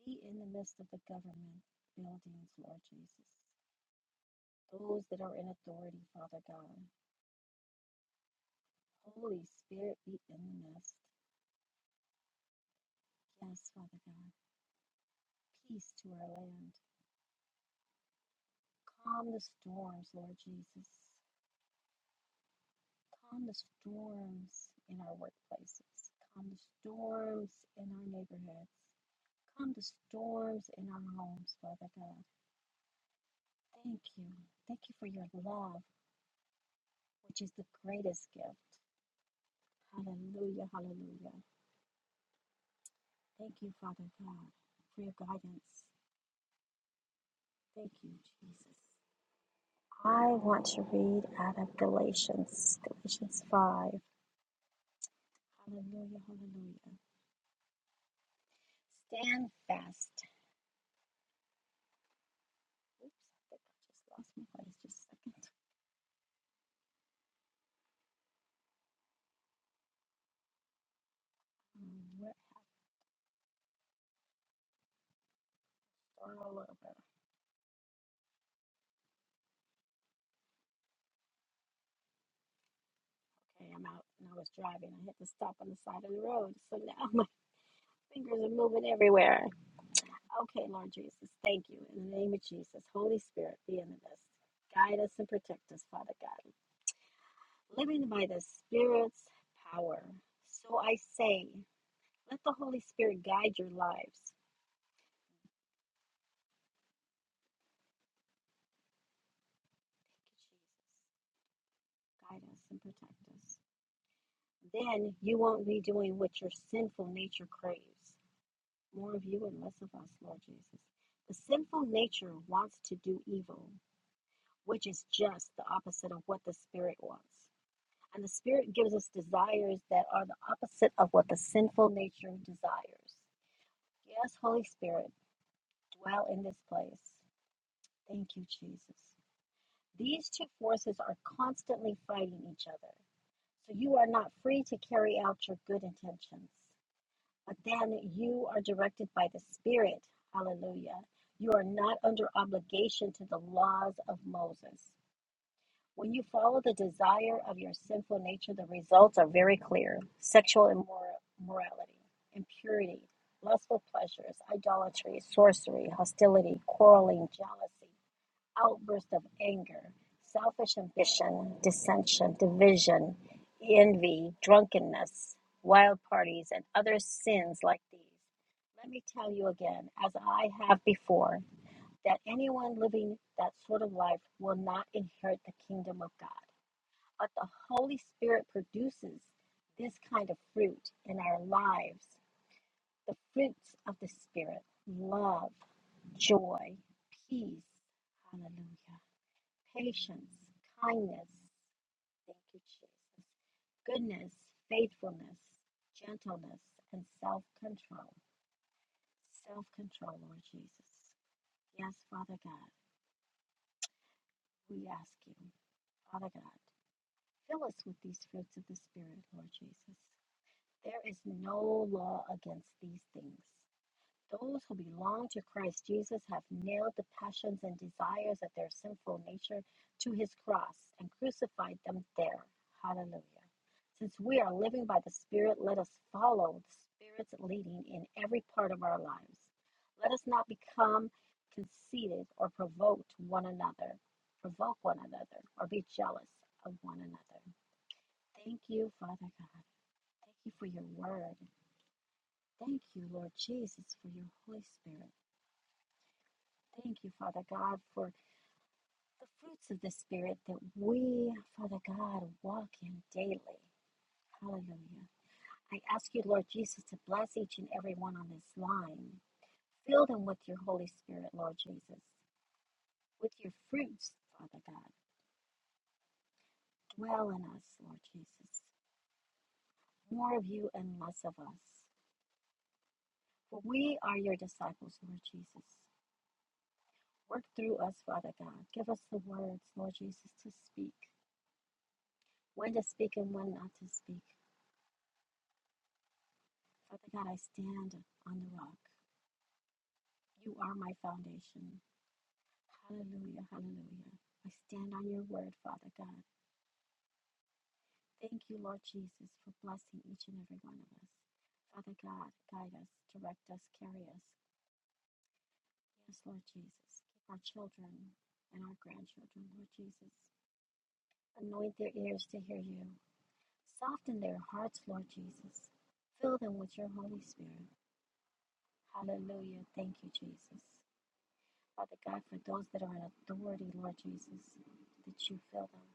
Speaker 7: Be in the midst of the government buildings, Lord Jesus. Those that are in authority, Father God. Holy Spirit, be in the midst. Yes, Father God. Peace to our land. Calm the storms, Lord Jesus. Calm the storms in our workplaces. Calm the storms in our neighborhoods. Calm the storms in our homes, Father God. Thank you. Thank you for your love, which is the greatest gift. Hallelujah, hallelujah. Thank you, Father God, for your guidance. Thank you, Jesus. I want to read out of Galatians, Galatians 5. Hallelujah, hallelujah. Stand fast. Oops, I think I just lost my place. Just a second. Um, where- All over. Okay, I'm out. And I was driving. I had to stop on the side of the road. So now my fingers are moving everywhere. Okay, Lord Jesus, thank you. In the name of Jesus, Holy Spirit, be in us. Guide us and protect us, Father God. Living by the Spirit's power. So I say, let the Holy Spirit guide your lives. Jesus. Guide us and protect us. Then you won't be doing what your sinful nature craves. More of you and less of us, Lord Jesus. The sinful nature wants to do evil, which is just the opposite of what the Spirit wants. And the Spirit gives us desires that are the opposite of what the sinful nature desires. Yes, Holy Spirit, dwell in this place. Thank you, Jesus. These two forces are constantly fighting each other. So you are not free to carry out your good intentions. But then you are directed by the Spirit. Hallelujah. You are not under obligation to the laws of Moses. When you follow the desire of your sinful nature, the results are very clear sexual immorality, impurity, lustful pleasures, idolatry, sorcery, hostility, quarreling, jealousy, outbursts of anger, selfish ambition, dissension, division, envy, drunkenness, wild parties, and other sins like these. Let me tell you again, as I have before, that anyone living that sort of life will not inherit the kingdom of God but the Holy Spirit produces this kind of fruit in our lives the fruits of the Spirit love, joy, peace, hallelujah, patience, kindness, thank you, Jesus, goodness, faithfulness, gentleness, and self control. Self control, Lord Jesus. Yes, Father God, we ask you, Father God, fill us with these fruits of the Spirit, Lord Jesus. There is no law against these things. Those who belong to Christ Jesus have nailed the passions and desires of their sinful nature to his cross and crucified them there. Hallelujah. Since we are living by the Spirit, let us follow the Spirit's leading in every part of our lives. Let us not become conceited or provoke one another, provoke one another, or be jealous of one another. Thank you, Father God. Thank you for your word. Thank you, Lord Jesus, for your Holy Spirit. Thank you, Father God, for the fruits of the Spirit that we, Father God, walk in daily. Hallelujah. I ask you, Lord Jesus, to bless each and every one on this line. Fill them with your Holy Spirit, Lord Jesus, with your fruits, Father God. Dwell in us, Lord Jesus. More of you and less of us. For we are your disciples, Lord Jesus. Work through us, Father God. Give us the words, Lord Jesus, to speak. when to speak and when not to speak. Father God, I stand on the rock. You are my foundation. Hallelujah, hallelujah. I stand on your word, Father God. Thank you, Lord Jesus, for blessing each and every one of us. Father God, guide us, direct us, carry us. Yes, Lord Jesus. Keep our children and our grandchildren, Lord Jesus. Anoint their ears to hear you. Soften their hearts, Lord Jesus. Fill them with your Holy Spirit. Hallelujah. Thank you, Jesus. Father God, for those that are in authority, Lord Jesus, that you fill them.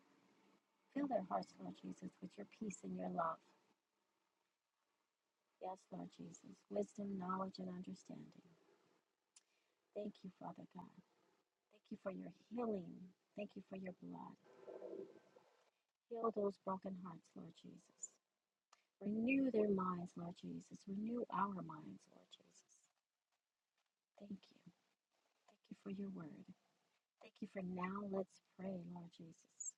Speaker 7: Fill their hearts, Lord Jesus, with your peace and your love. Yes, Lord Jesus, wisdom, knowledge, and understanding. Thank you, Father God. Thank you for your healing. Thank you for your blood. Heal those broken hearts, Lord Jesus. Renew their minds, Lord Jesus. Renew our minds, Lord Jesus. Thank you. Thank you for your word. Thank you for now. Let's pray, Lord Jesus.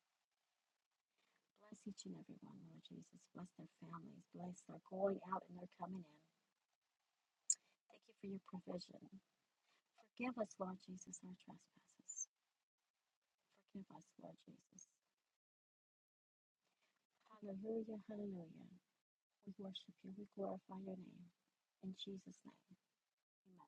Speaker 7: Bless each and every one, Lord Jesus. Bless their families. Bless their going out and their coming in. Thank you for your provision. Forgive us, Lord Jesus, our trespasses. Forgive us, Lord Jesus. Hallelujah, hallelujah. We worship you. We glorify your name. In Jesus' name, amen.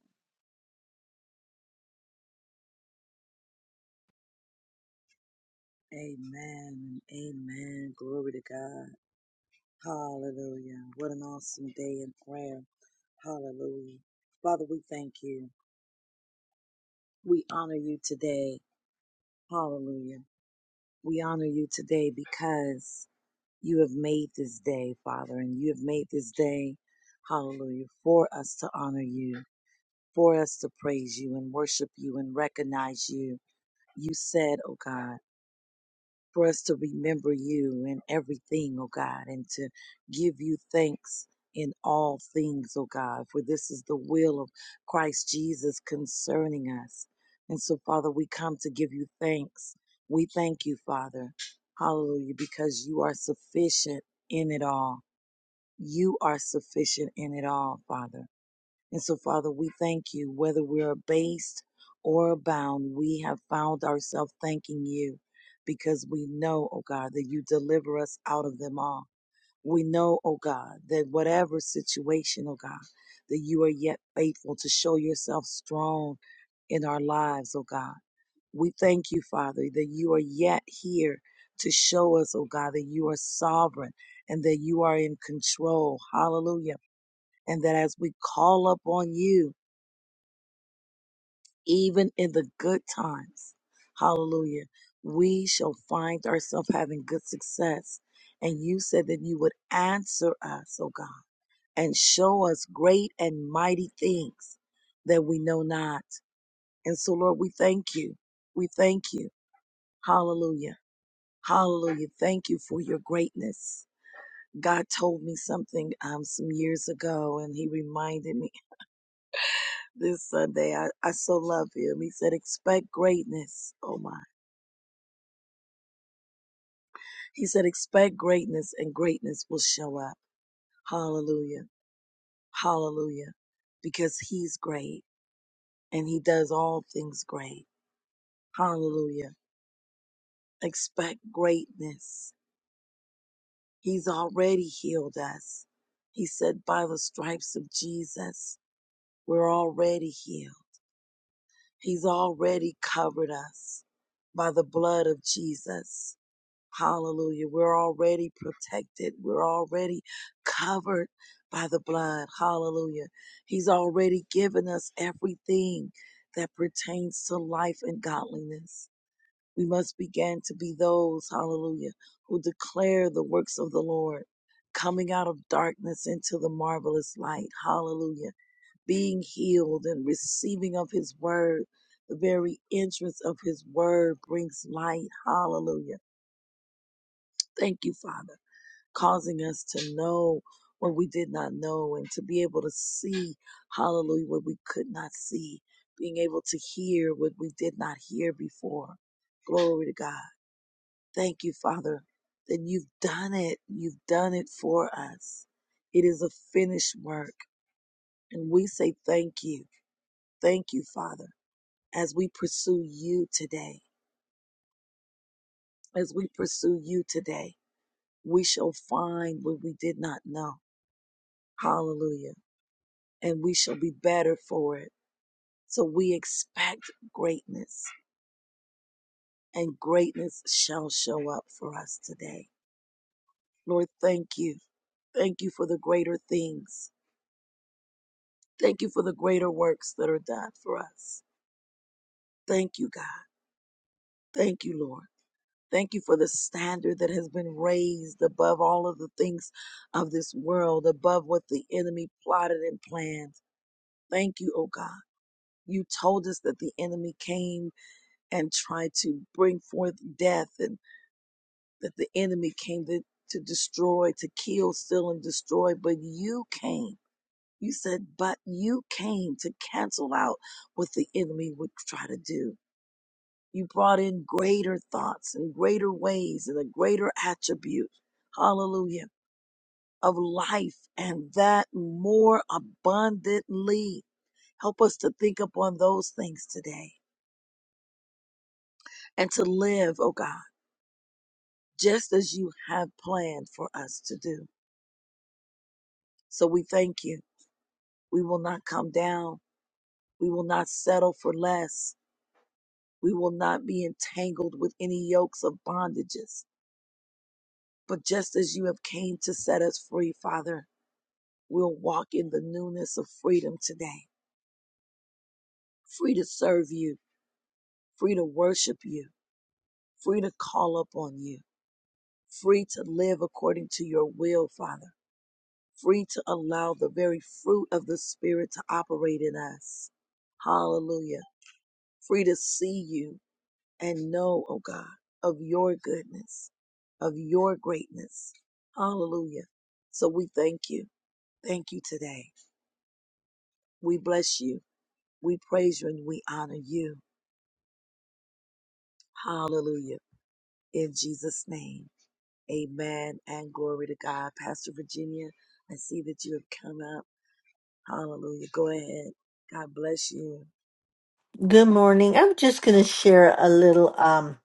Speaker 8: Good morning. I'm just going to share a little um,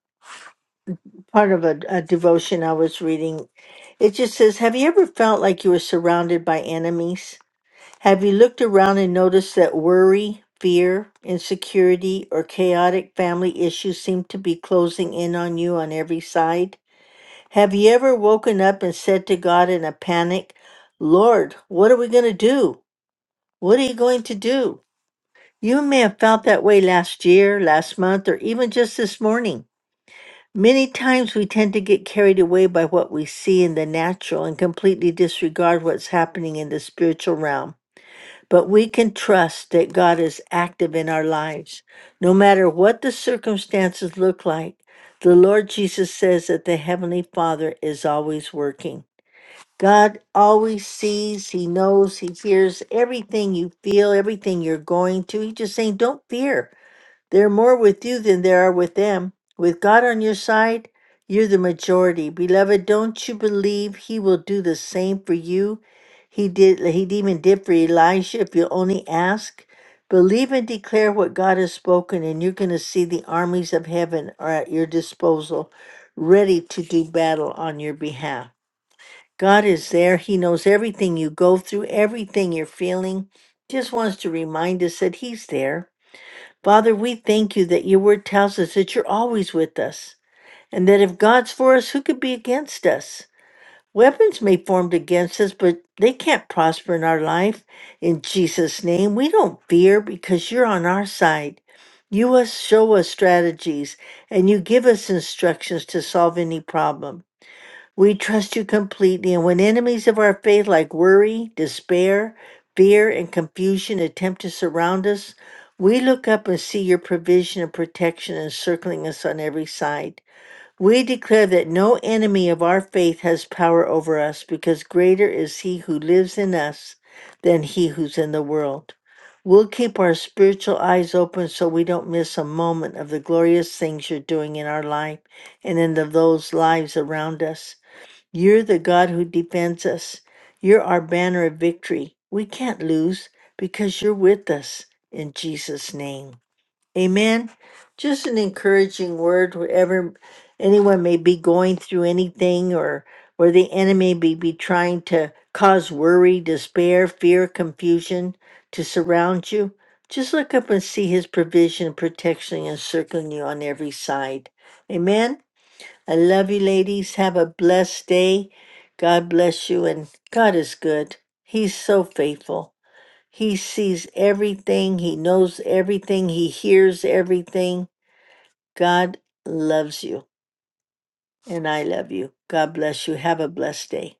Speaker 8: part of a, a devotion I was reading. It just says, Have you ever felt like you were surrounded by enemies? Have you looked around and noticed that worry, fear, insecurity, or chaotic family issues seem to be closing in on you on every side? Have you ever woken up and said to God in a panic, Lord, what are we going to do? What are you going to do? You may have felt that way last year, last month, or even just this morning. Many times we tend to get carried away by what we see in the natural and completely disregard what's happening in the spiritual realm. But we can trust that God is active in our lives. No matter what the circumstances look like, the Lord Jesus says that the Heavenly Father is always working. God always sees, He knows, He hears everything you feel, everything you're going through. He's just saying, don't fear. There are more with you than there are with them. With God on your side, you're the majority. Beloved, don't you believe he will do the same for you? He did he even did for Elijah if you only ask. Believe and declare what God has spoken, and you're gonna see the armies of heaven are at your disposal, ready to do battle on your behalf. God is there. He knows everything you go through, everything you're feeling. Just wants to remind us that He's there. Father, we thank you that your word tells us that you're always with us, and that if God's for us, who could be against us? Weapons may formed against us, but they can't prosper in our life. In Jesus' name, we don't fear because you're on our side. You us show us strategies, and you give us instructions to solve any problem. We trust you completely, and when enemies of our faith, like worry, despair, fear, and confusion, attempt to surround us, we look up and see your provision and protection encircling us on every side. We declare that no enemy of our faith has power over us, because greater is he who lives in us than he who's in the world. We'll keep our spiritual eyes open so we don't miss a moment of the glorious things you're doing in our life and in the, those lives around us. You're the God who defends us. You're our banner of victory. We can't lose because you're with us in Jesus' name. Amen. Just an encouraging word wherever anyone may be going through anything or where the enemy may be trying to cause worry, despair, fear, confusion to surround you. Just look up and see his provision, protection, and circling you on every side. Amen. I love you, ladies. Have a blessed day. God bless you. And God is good. He's so faithful. He sees everything, He knows everything, He hears everything. God loves you, and I love you. God bless you. Have a blessed day.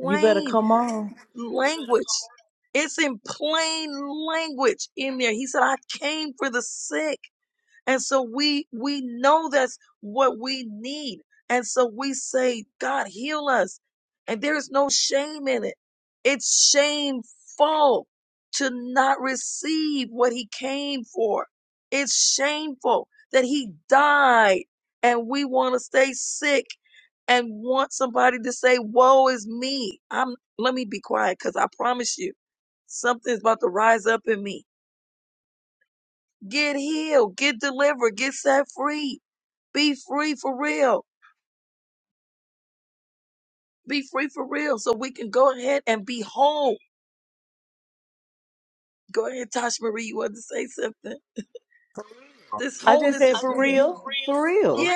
Speaker 4: You better come on. I just said for real,
Speaker 1: Real?
Speaker 4: for real.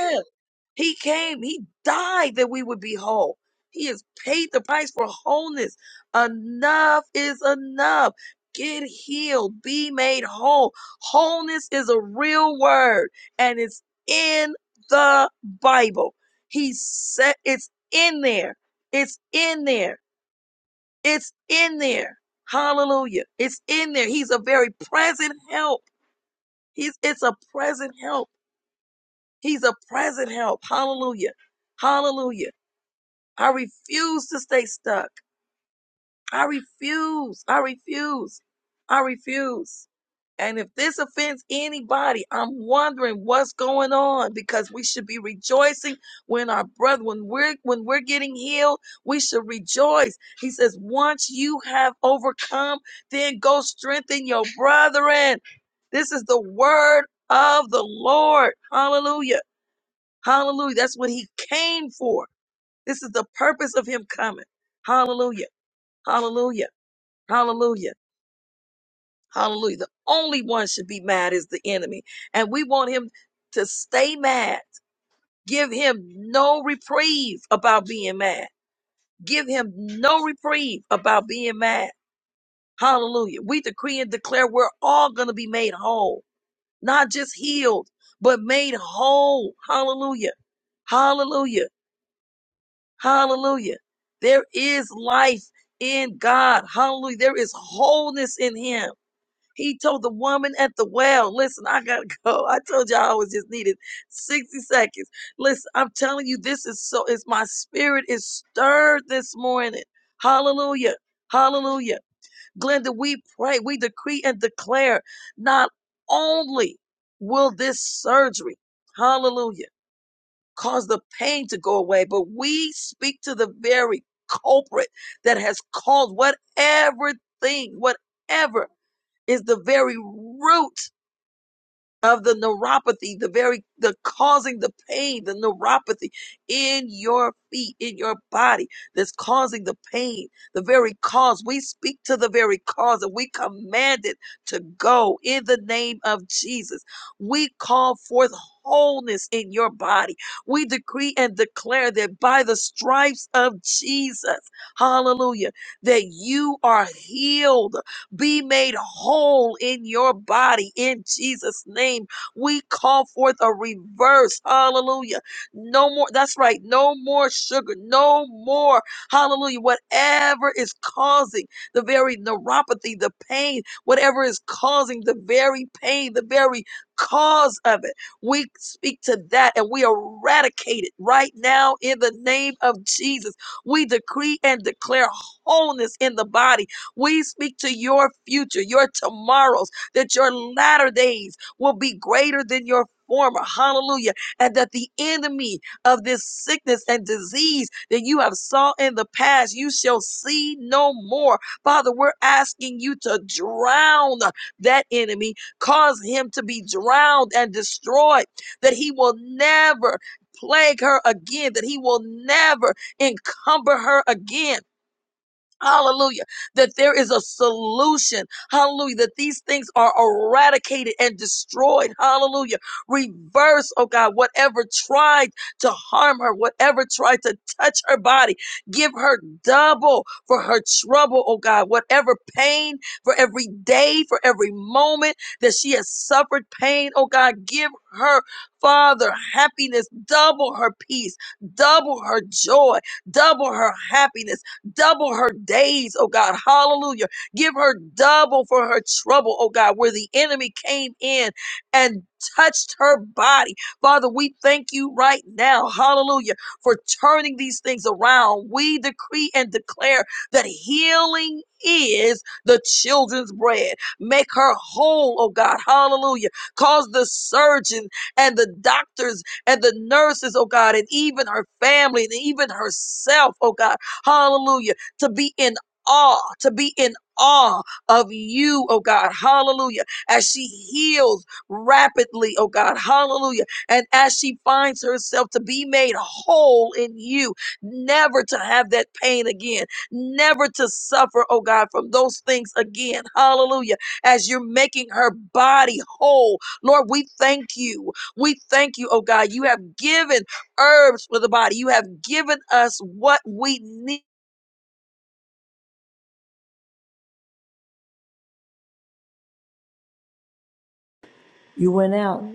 Speaker 4: You went out.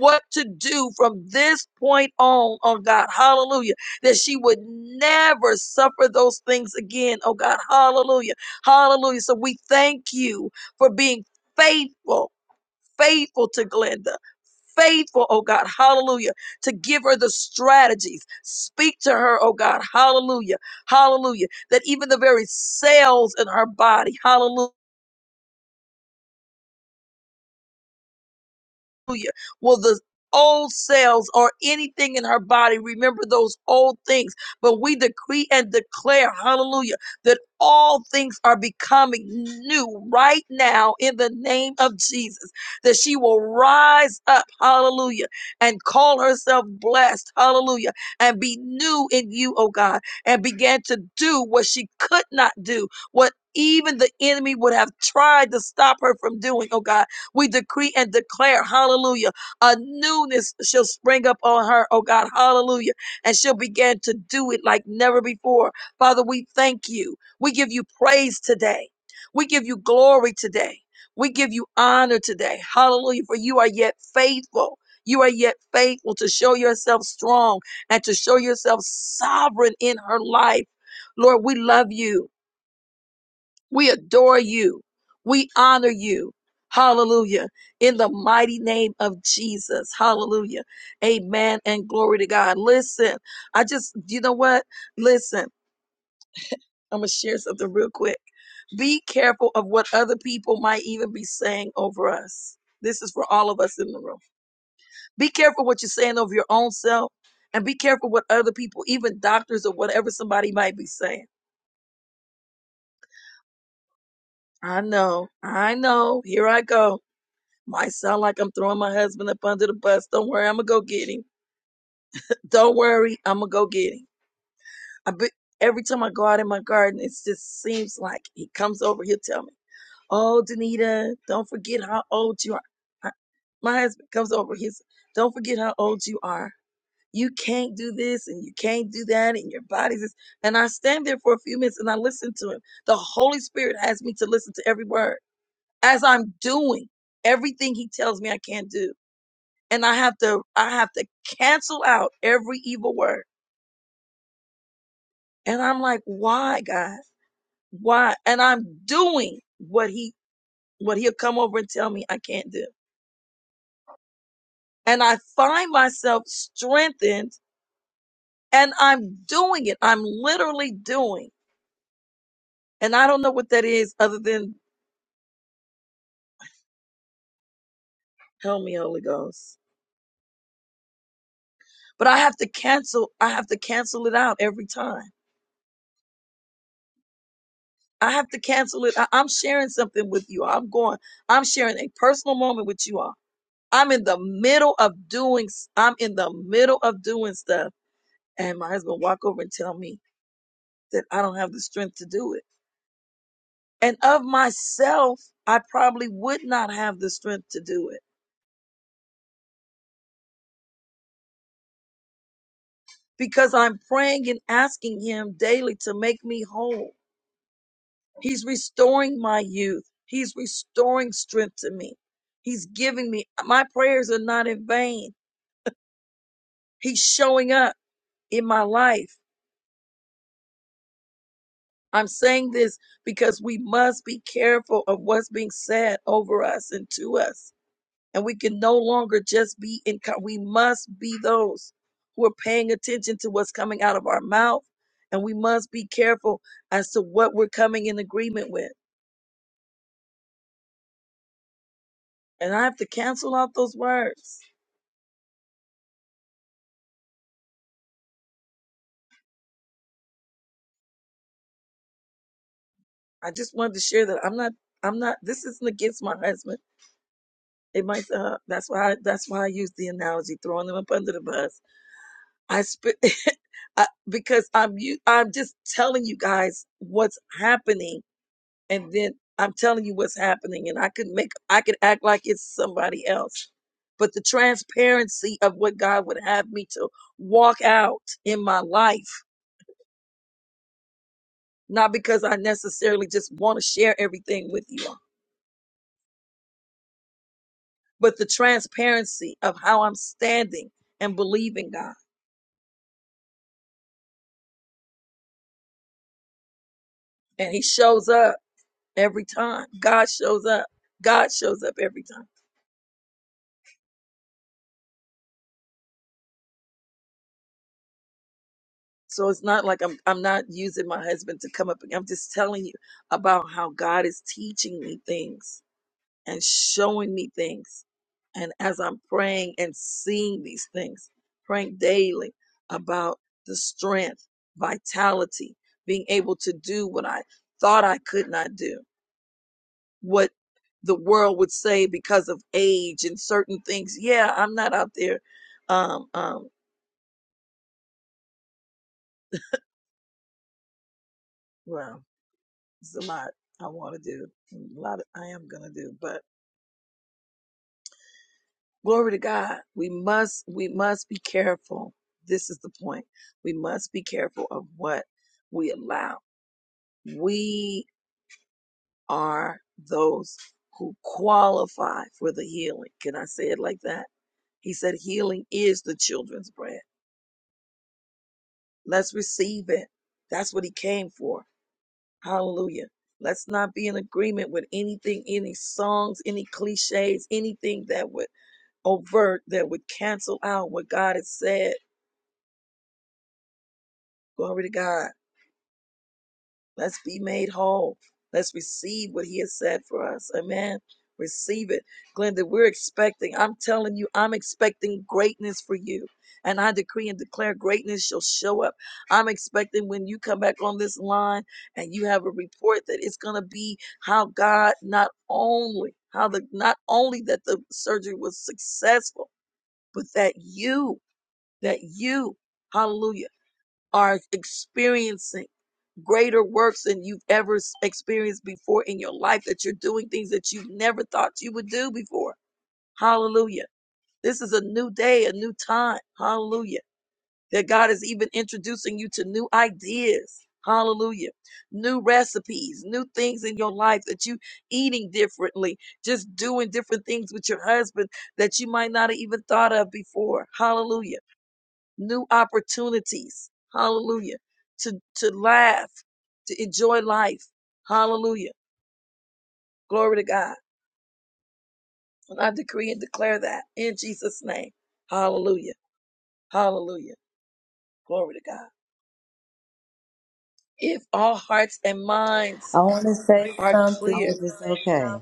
Speaker 4: I want to say something if it's
Speaker 1: estate, uh,
Speaker 4: okay.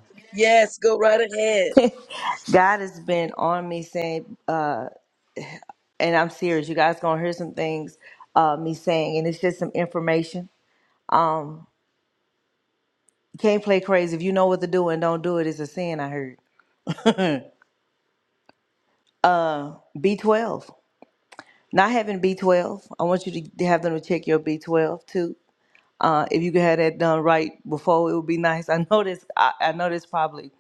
Speaker 4: God has been on me saying, uh, and I'm serious. You guys gonna hear some things uh, me saying, and it's just some information. You can't play crazy. If you know what to do and don't do it, it's a sin. I heard. B12. Not having B12, I want you to have them to check your B12 too. Uh, if you could have that done right before, it would be nice. I know this. I, I know this probably.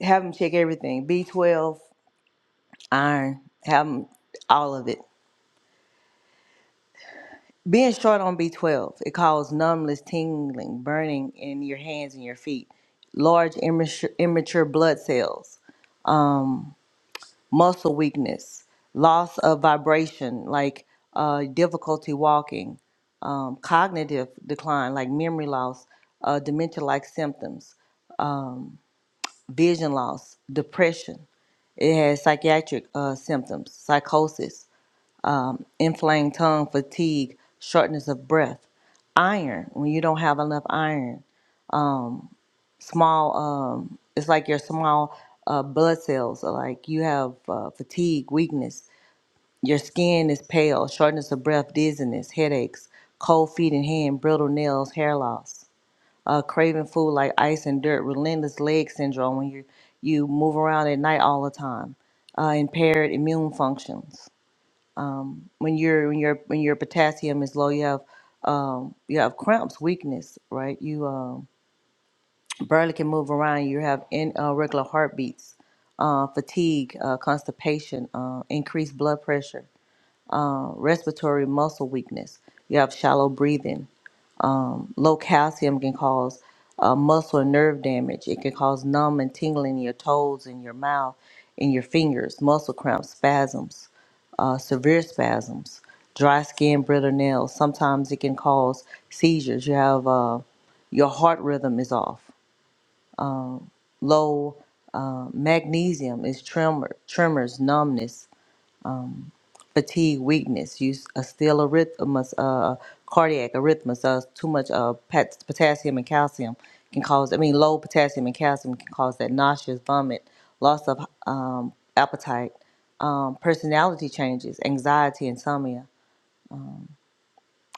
Speaker 4: Have them check everything. B12, iron. Have them all of it. Being short on B12, it causes numbness, tingling, burning in your hands and your feet. Large immature, immature blood cells muscle weakness, loss of vibration, like uh, difficulty walking, um, cognitive decline, like memory loss, uh, dementia like symptoms, vision loss, depression. It has psychiatric uh, symptoms, psychosis, inflamed tongue, fatigue, shortness of breath, iron, when you don't have enough iron, small, um, it's like your small uh, blood cells, are like you have uh, fatigue, weakness, Your skin is pale, shortness of breath, dizziness, headaches, cold feet and hand, brittle nails, hair loss, uh, craving food like ice and dirt, relentless leg syndrome when you you move around at night all the time, uh, impaired immune functions. When your when your when your potassium is low, you have um, you have cramps, weakness, right? You um, barely can move around. You have in, uh, regular heartbeats, uh, fatigue, uh, constipation, uh, increased blood pressure uh, respiratory muscle weakness. You have shallow breathing. Um, low calcium can cause uh, muscle and nerve damage. It can cause numb and tingling in your toes, in your mouth, in your fingers, muscle cramps, spasms, uh, severe spasms, dry skin, brittle nails. Sometimes it can cause seizures. You have uh, your heart rhythm is off. Low uh, magnesium is tremor, tremors, numbness, fatigue, weakness. You s- uh, still arrhythmus, uh, cardiac arrhythmus. Uh, too much uh, pat- potassium and calcium can cause. I mean, low potassium and calcium can cause that nauseous vomit, loss of um, appetite, um, personality changes, anxiety, insomnia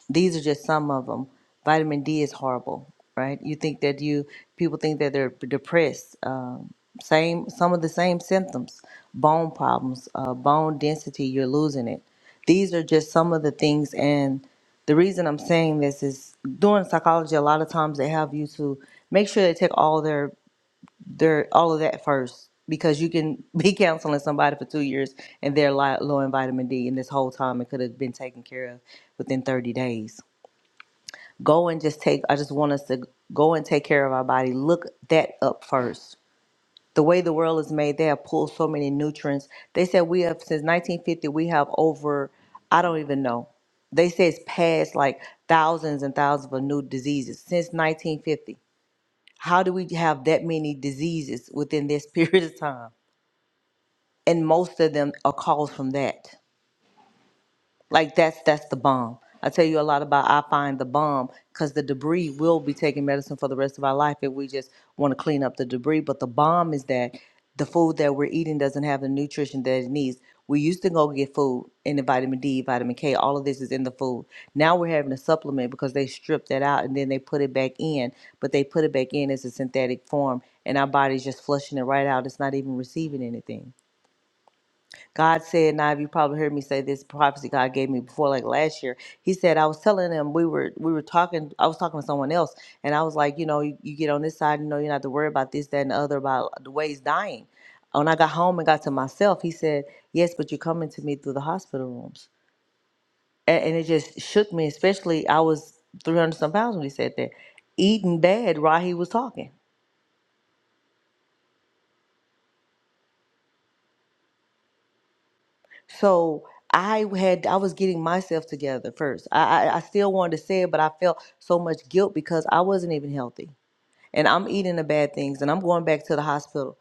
Speaker 4: these are just some of them. Vitamin D is horrible, right? You think that you people think that they're depressed. Um, same some of the same symptoms, bone problems, uh, bone density. You're losing it. These are just some of the things. And the reason I'm saying this is doing psychology. A lot of times they have you to make sure they take all their their all of that first because you can be counseling somebody for two years and they're li- low in vitamin D, and this whole time it could have been taken care of within 30 days go and just take i just want us to go and take care of our body look that up first the way the world is made they have pulled so many nutrients they said we have since 1950 we have over i don't even know they say it's past like thousands and thousands of new diseases since 1950 how do we have that many diseases within this period of time and most of them are caused from that Like that's that's the bomb. I tell you a lot about I find the bomb because the debris will be taking medicine for the rest of our life if we just want to clean up the debris. But the bomb is that the food that we're eating doesn't have the nutrition that it needs. We used to go get food and the vitamin D, vitamin K, all of this is in the food. Now we're having a supplement because they strip that out and then they put it back in, but they put it back in as a synthetic form and our body's just flushing it right out. It's not even receiving anything. God said, now you probably heard me say this prophecy God gave me before, like last year. He said, I was telling him we were we were talking, I was talking to someone else, and I was like, you know, you, you get on this side, you know, you not have to worry about this, that, and the other about the way he's dying. When I got home and got to myself, he said, Yes, but you're coming to me through the hospital rooms. And, and it just shook me, especially I was 300 some pounds when he said that, eating bad while he was talking. So I had I was getting myself together first. I, I I still wanted to say it, but I felt so much guilt because I wasn't even healthy, and I'm eating the bad things, and I'm going back to the hospital.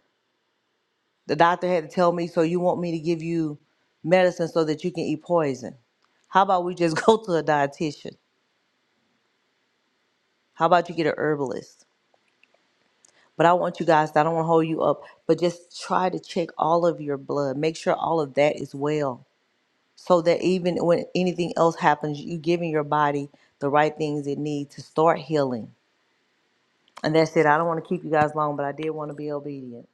Speaker 4: The doctor had to tell me, so you want me to give you medicine so that you can eat poison? How about we just go to a dietitian? How about you get a herbalist? But I want you guys. I don't want to hold you up, but just try to check all of your blood. Make sure all of that is well so that even when anything else happens, you giving your body the right things it needs to start healing. And that's it. I don't want to keep you guys long, but I did want to be obedient.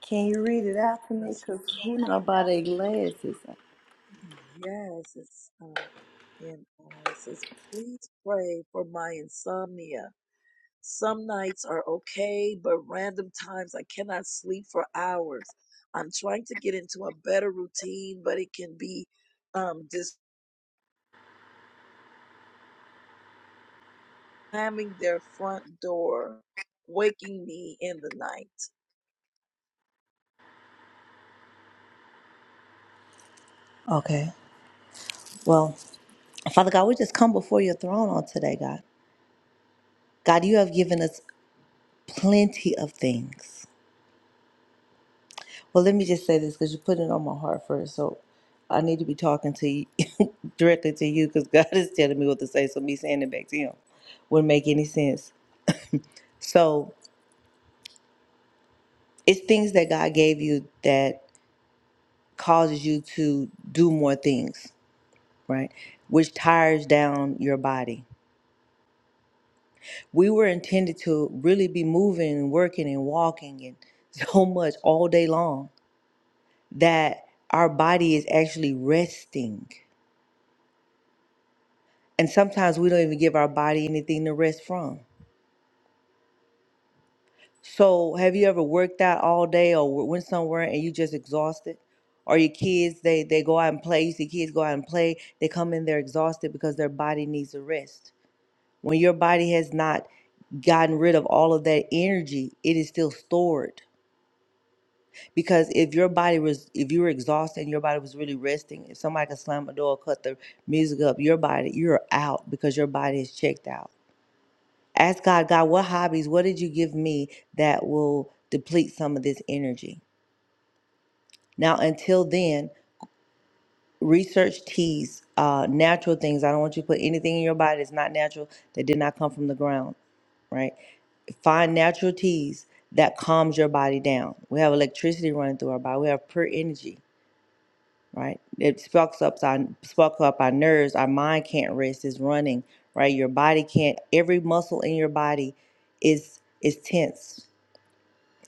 Speaker 4: Can you read it out to me? Because
Speaker 1: King.
Speaker 4: who know about their glasses? Okay. Well, Father God, we just come before your throne on today, God. God, you have given us plenty of things. Well, let me just say this because you put it on my heart first. So I need to be talking to you directly to you because God is telling me what to say. So me saying it back to him wouldn't make any sense. So it's things that God gave you that causes you to do more things, right? Which tires down your body. We were intended to really be moving and working and walking and so much all day long that our body is actually resting. And sometimes we don't even give our body anything to rest from. So, have you ever worked out all day or w- went somewhere and you just exhausted? Or your kids, they they go out and play. You see kids go out and play. They come in, they're exhausted because their body needs a rest. When your body has not gotten rid of all of that energy, it is still stored. Because if your body was, if you were exhausted and your body was really resting, if somebody could slam a door, cut the music up, your body, you're out because your body is checked out. Ask God, God, what hobbies, what did you give me that will deplete some of this energy? Now, until then, research teas, uh, natural things. I don't want you to put anything in your body that's not natural that did not come from the ground, right? Find natural teas that calms your body down. We have electricity running through our body. We have pure energy, right? It sparks up our sparks up our nerves. Our mind can't rest. It's running, right? Your body can't. Every muscle in your body is is tense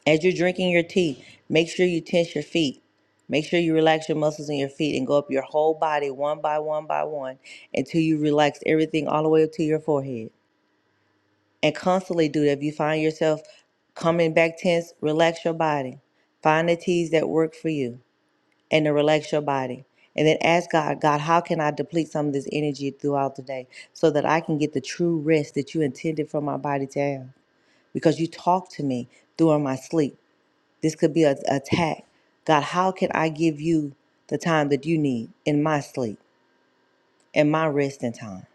Speaker 4: As you're drinking your tea, make sure you tense your feet. Make sure you relax your muscles in your feet and go up your whole body one by one by one until you relax everything all the way up to your forehead. And constantly do that. If you find yourself coming back tense, relax your body. Find the teas that work for you and to relax your body. And then ask God, God, how can I deplete some of this energy throughout the day so that I can get the true rest that you intended for my body to have? Because you talk to me during my sleep. This could be a attack. God, how can I give you the time that you need in my sleep, in my resting time?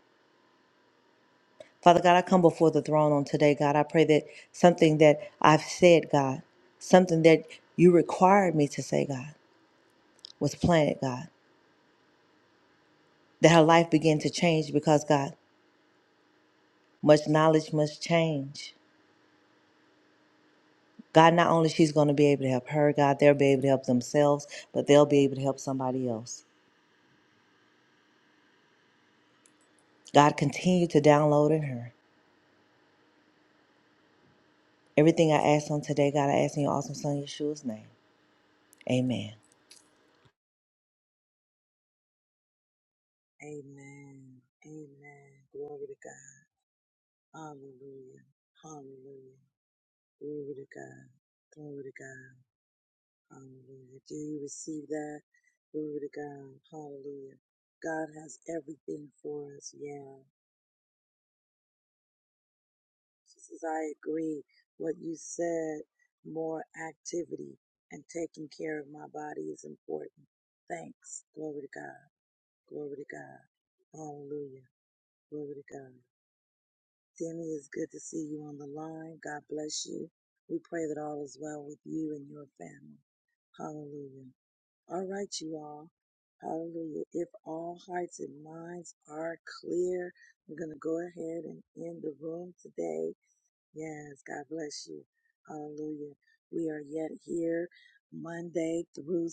Speaker 4: Father God, I come before the throne on today, God. I pray that something that I've said, God, something that you required me to say, God, was planted, God. That her life began to change because, God, much knowledge, much change. God, not only she's going to be able to help her, God, they'll be able to help themselves, but they'll be able to help somebody else. God, continue to download in her. Everything I ask on today, God, I ask in your awesome son, Yeshua's name. Amen.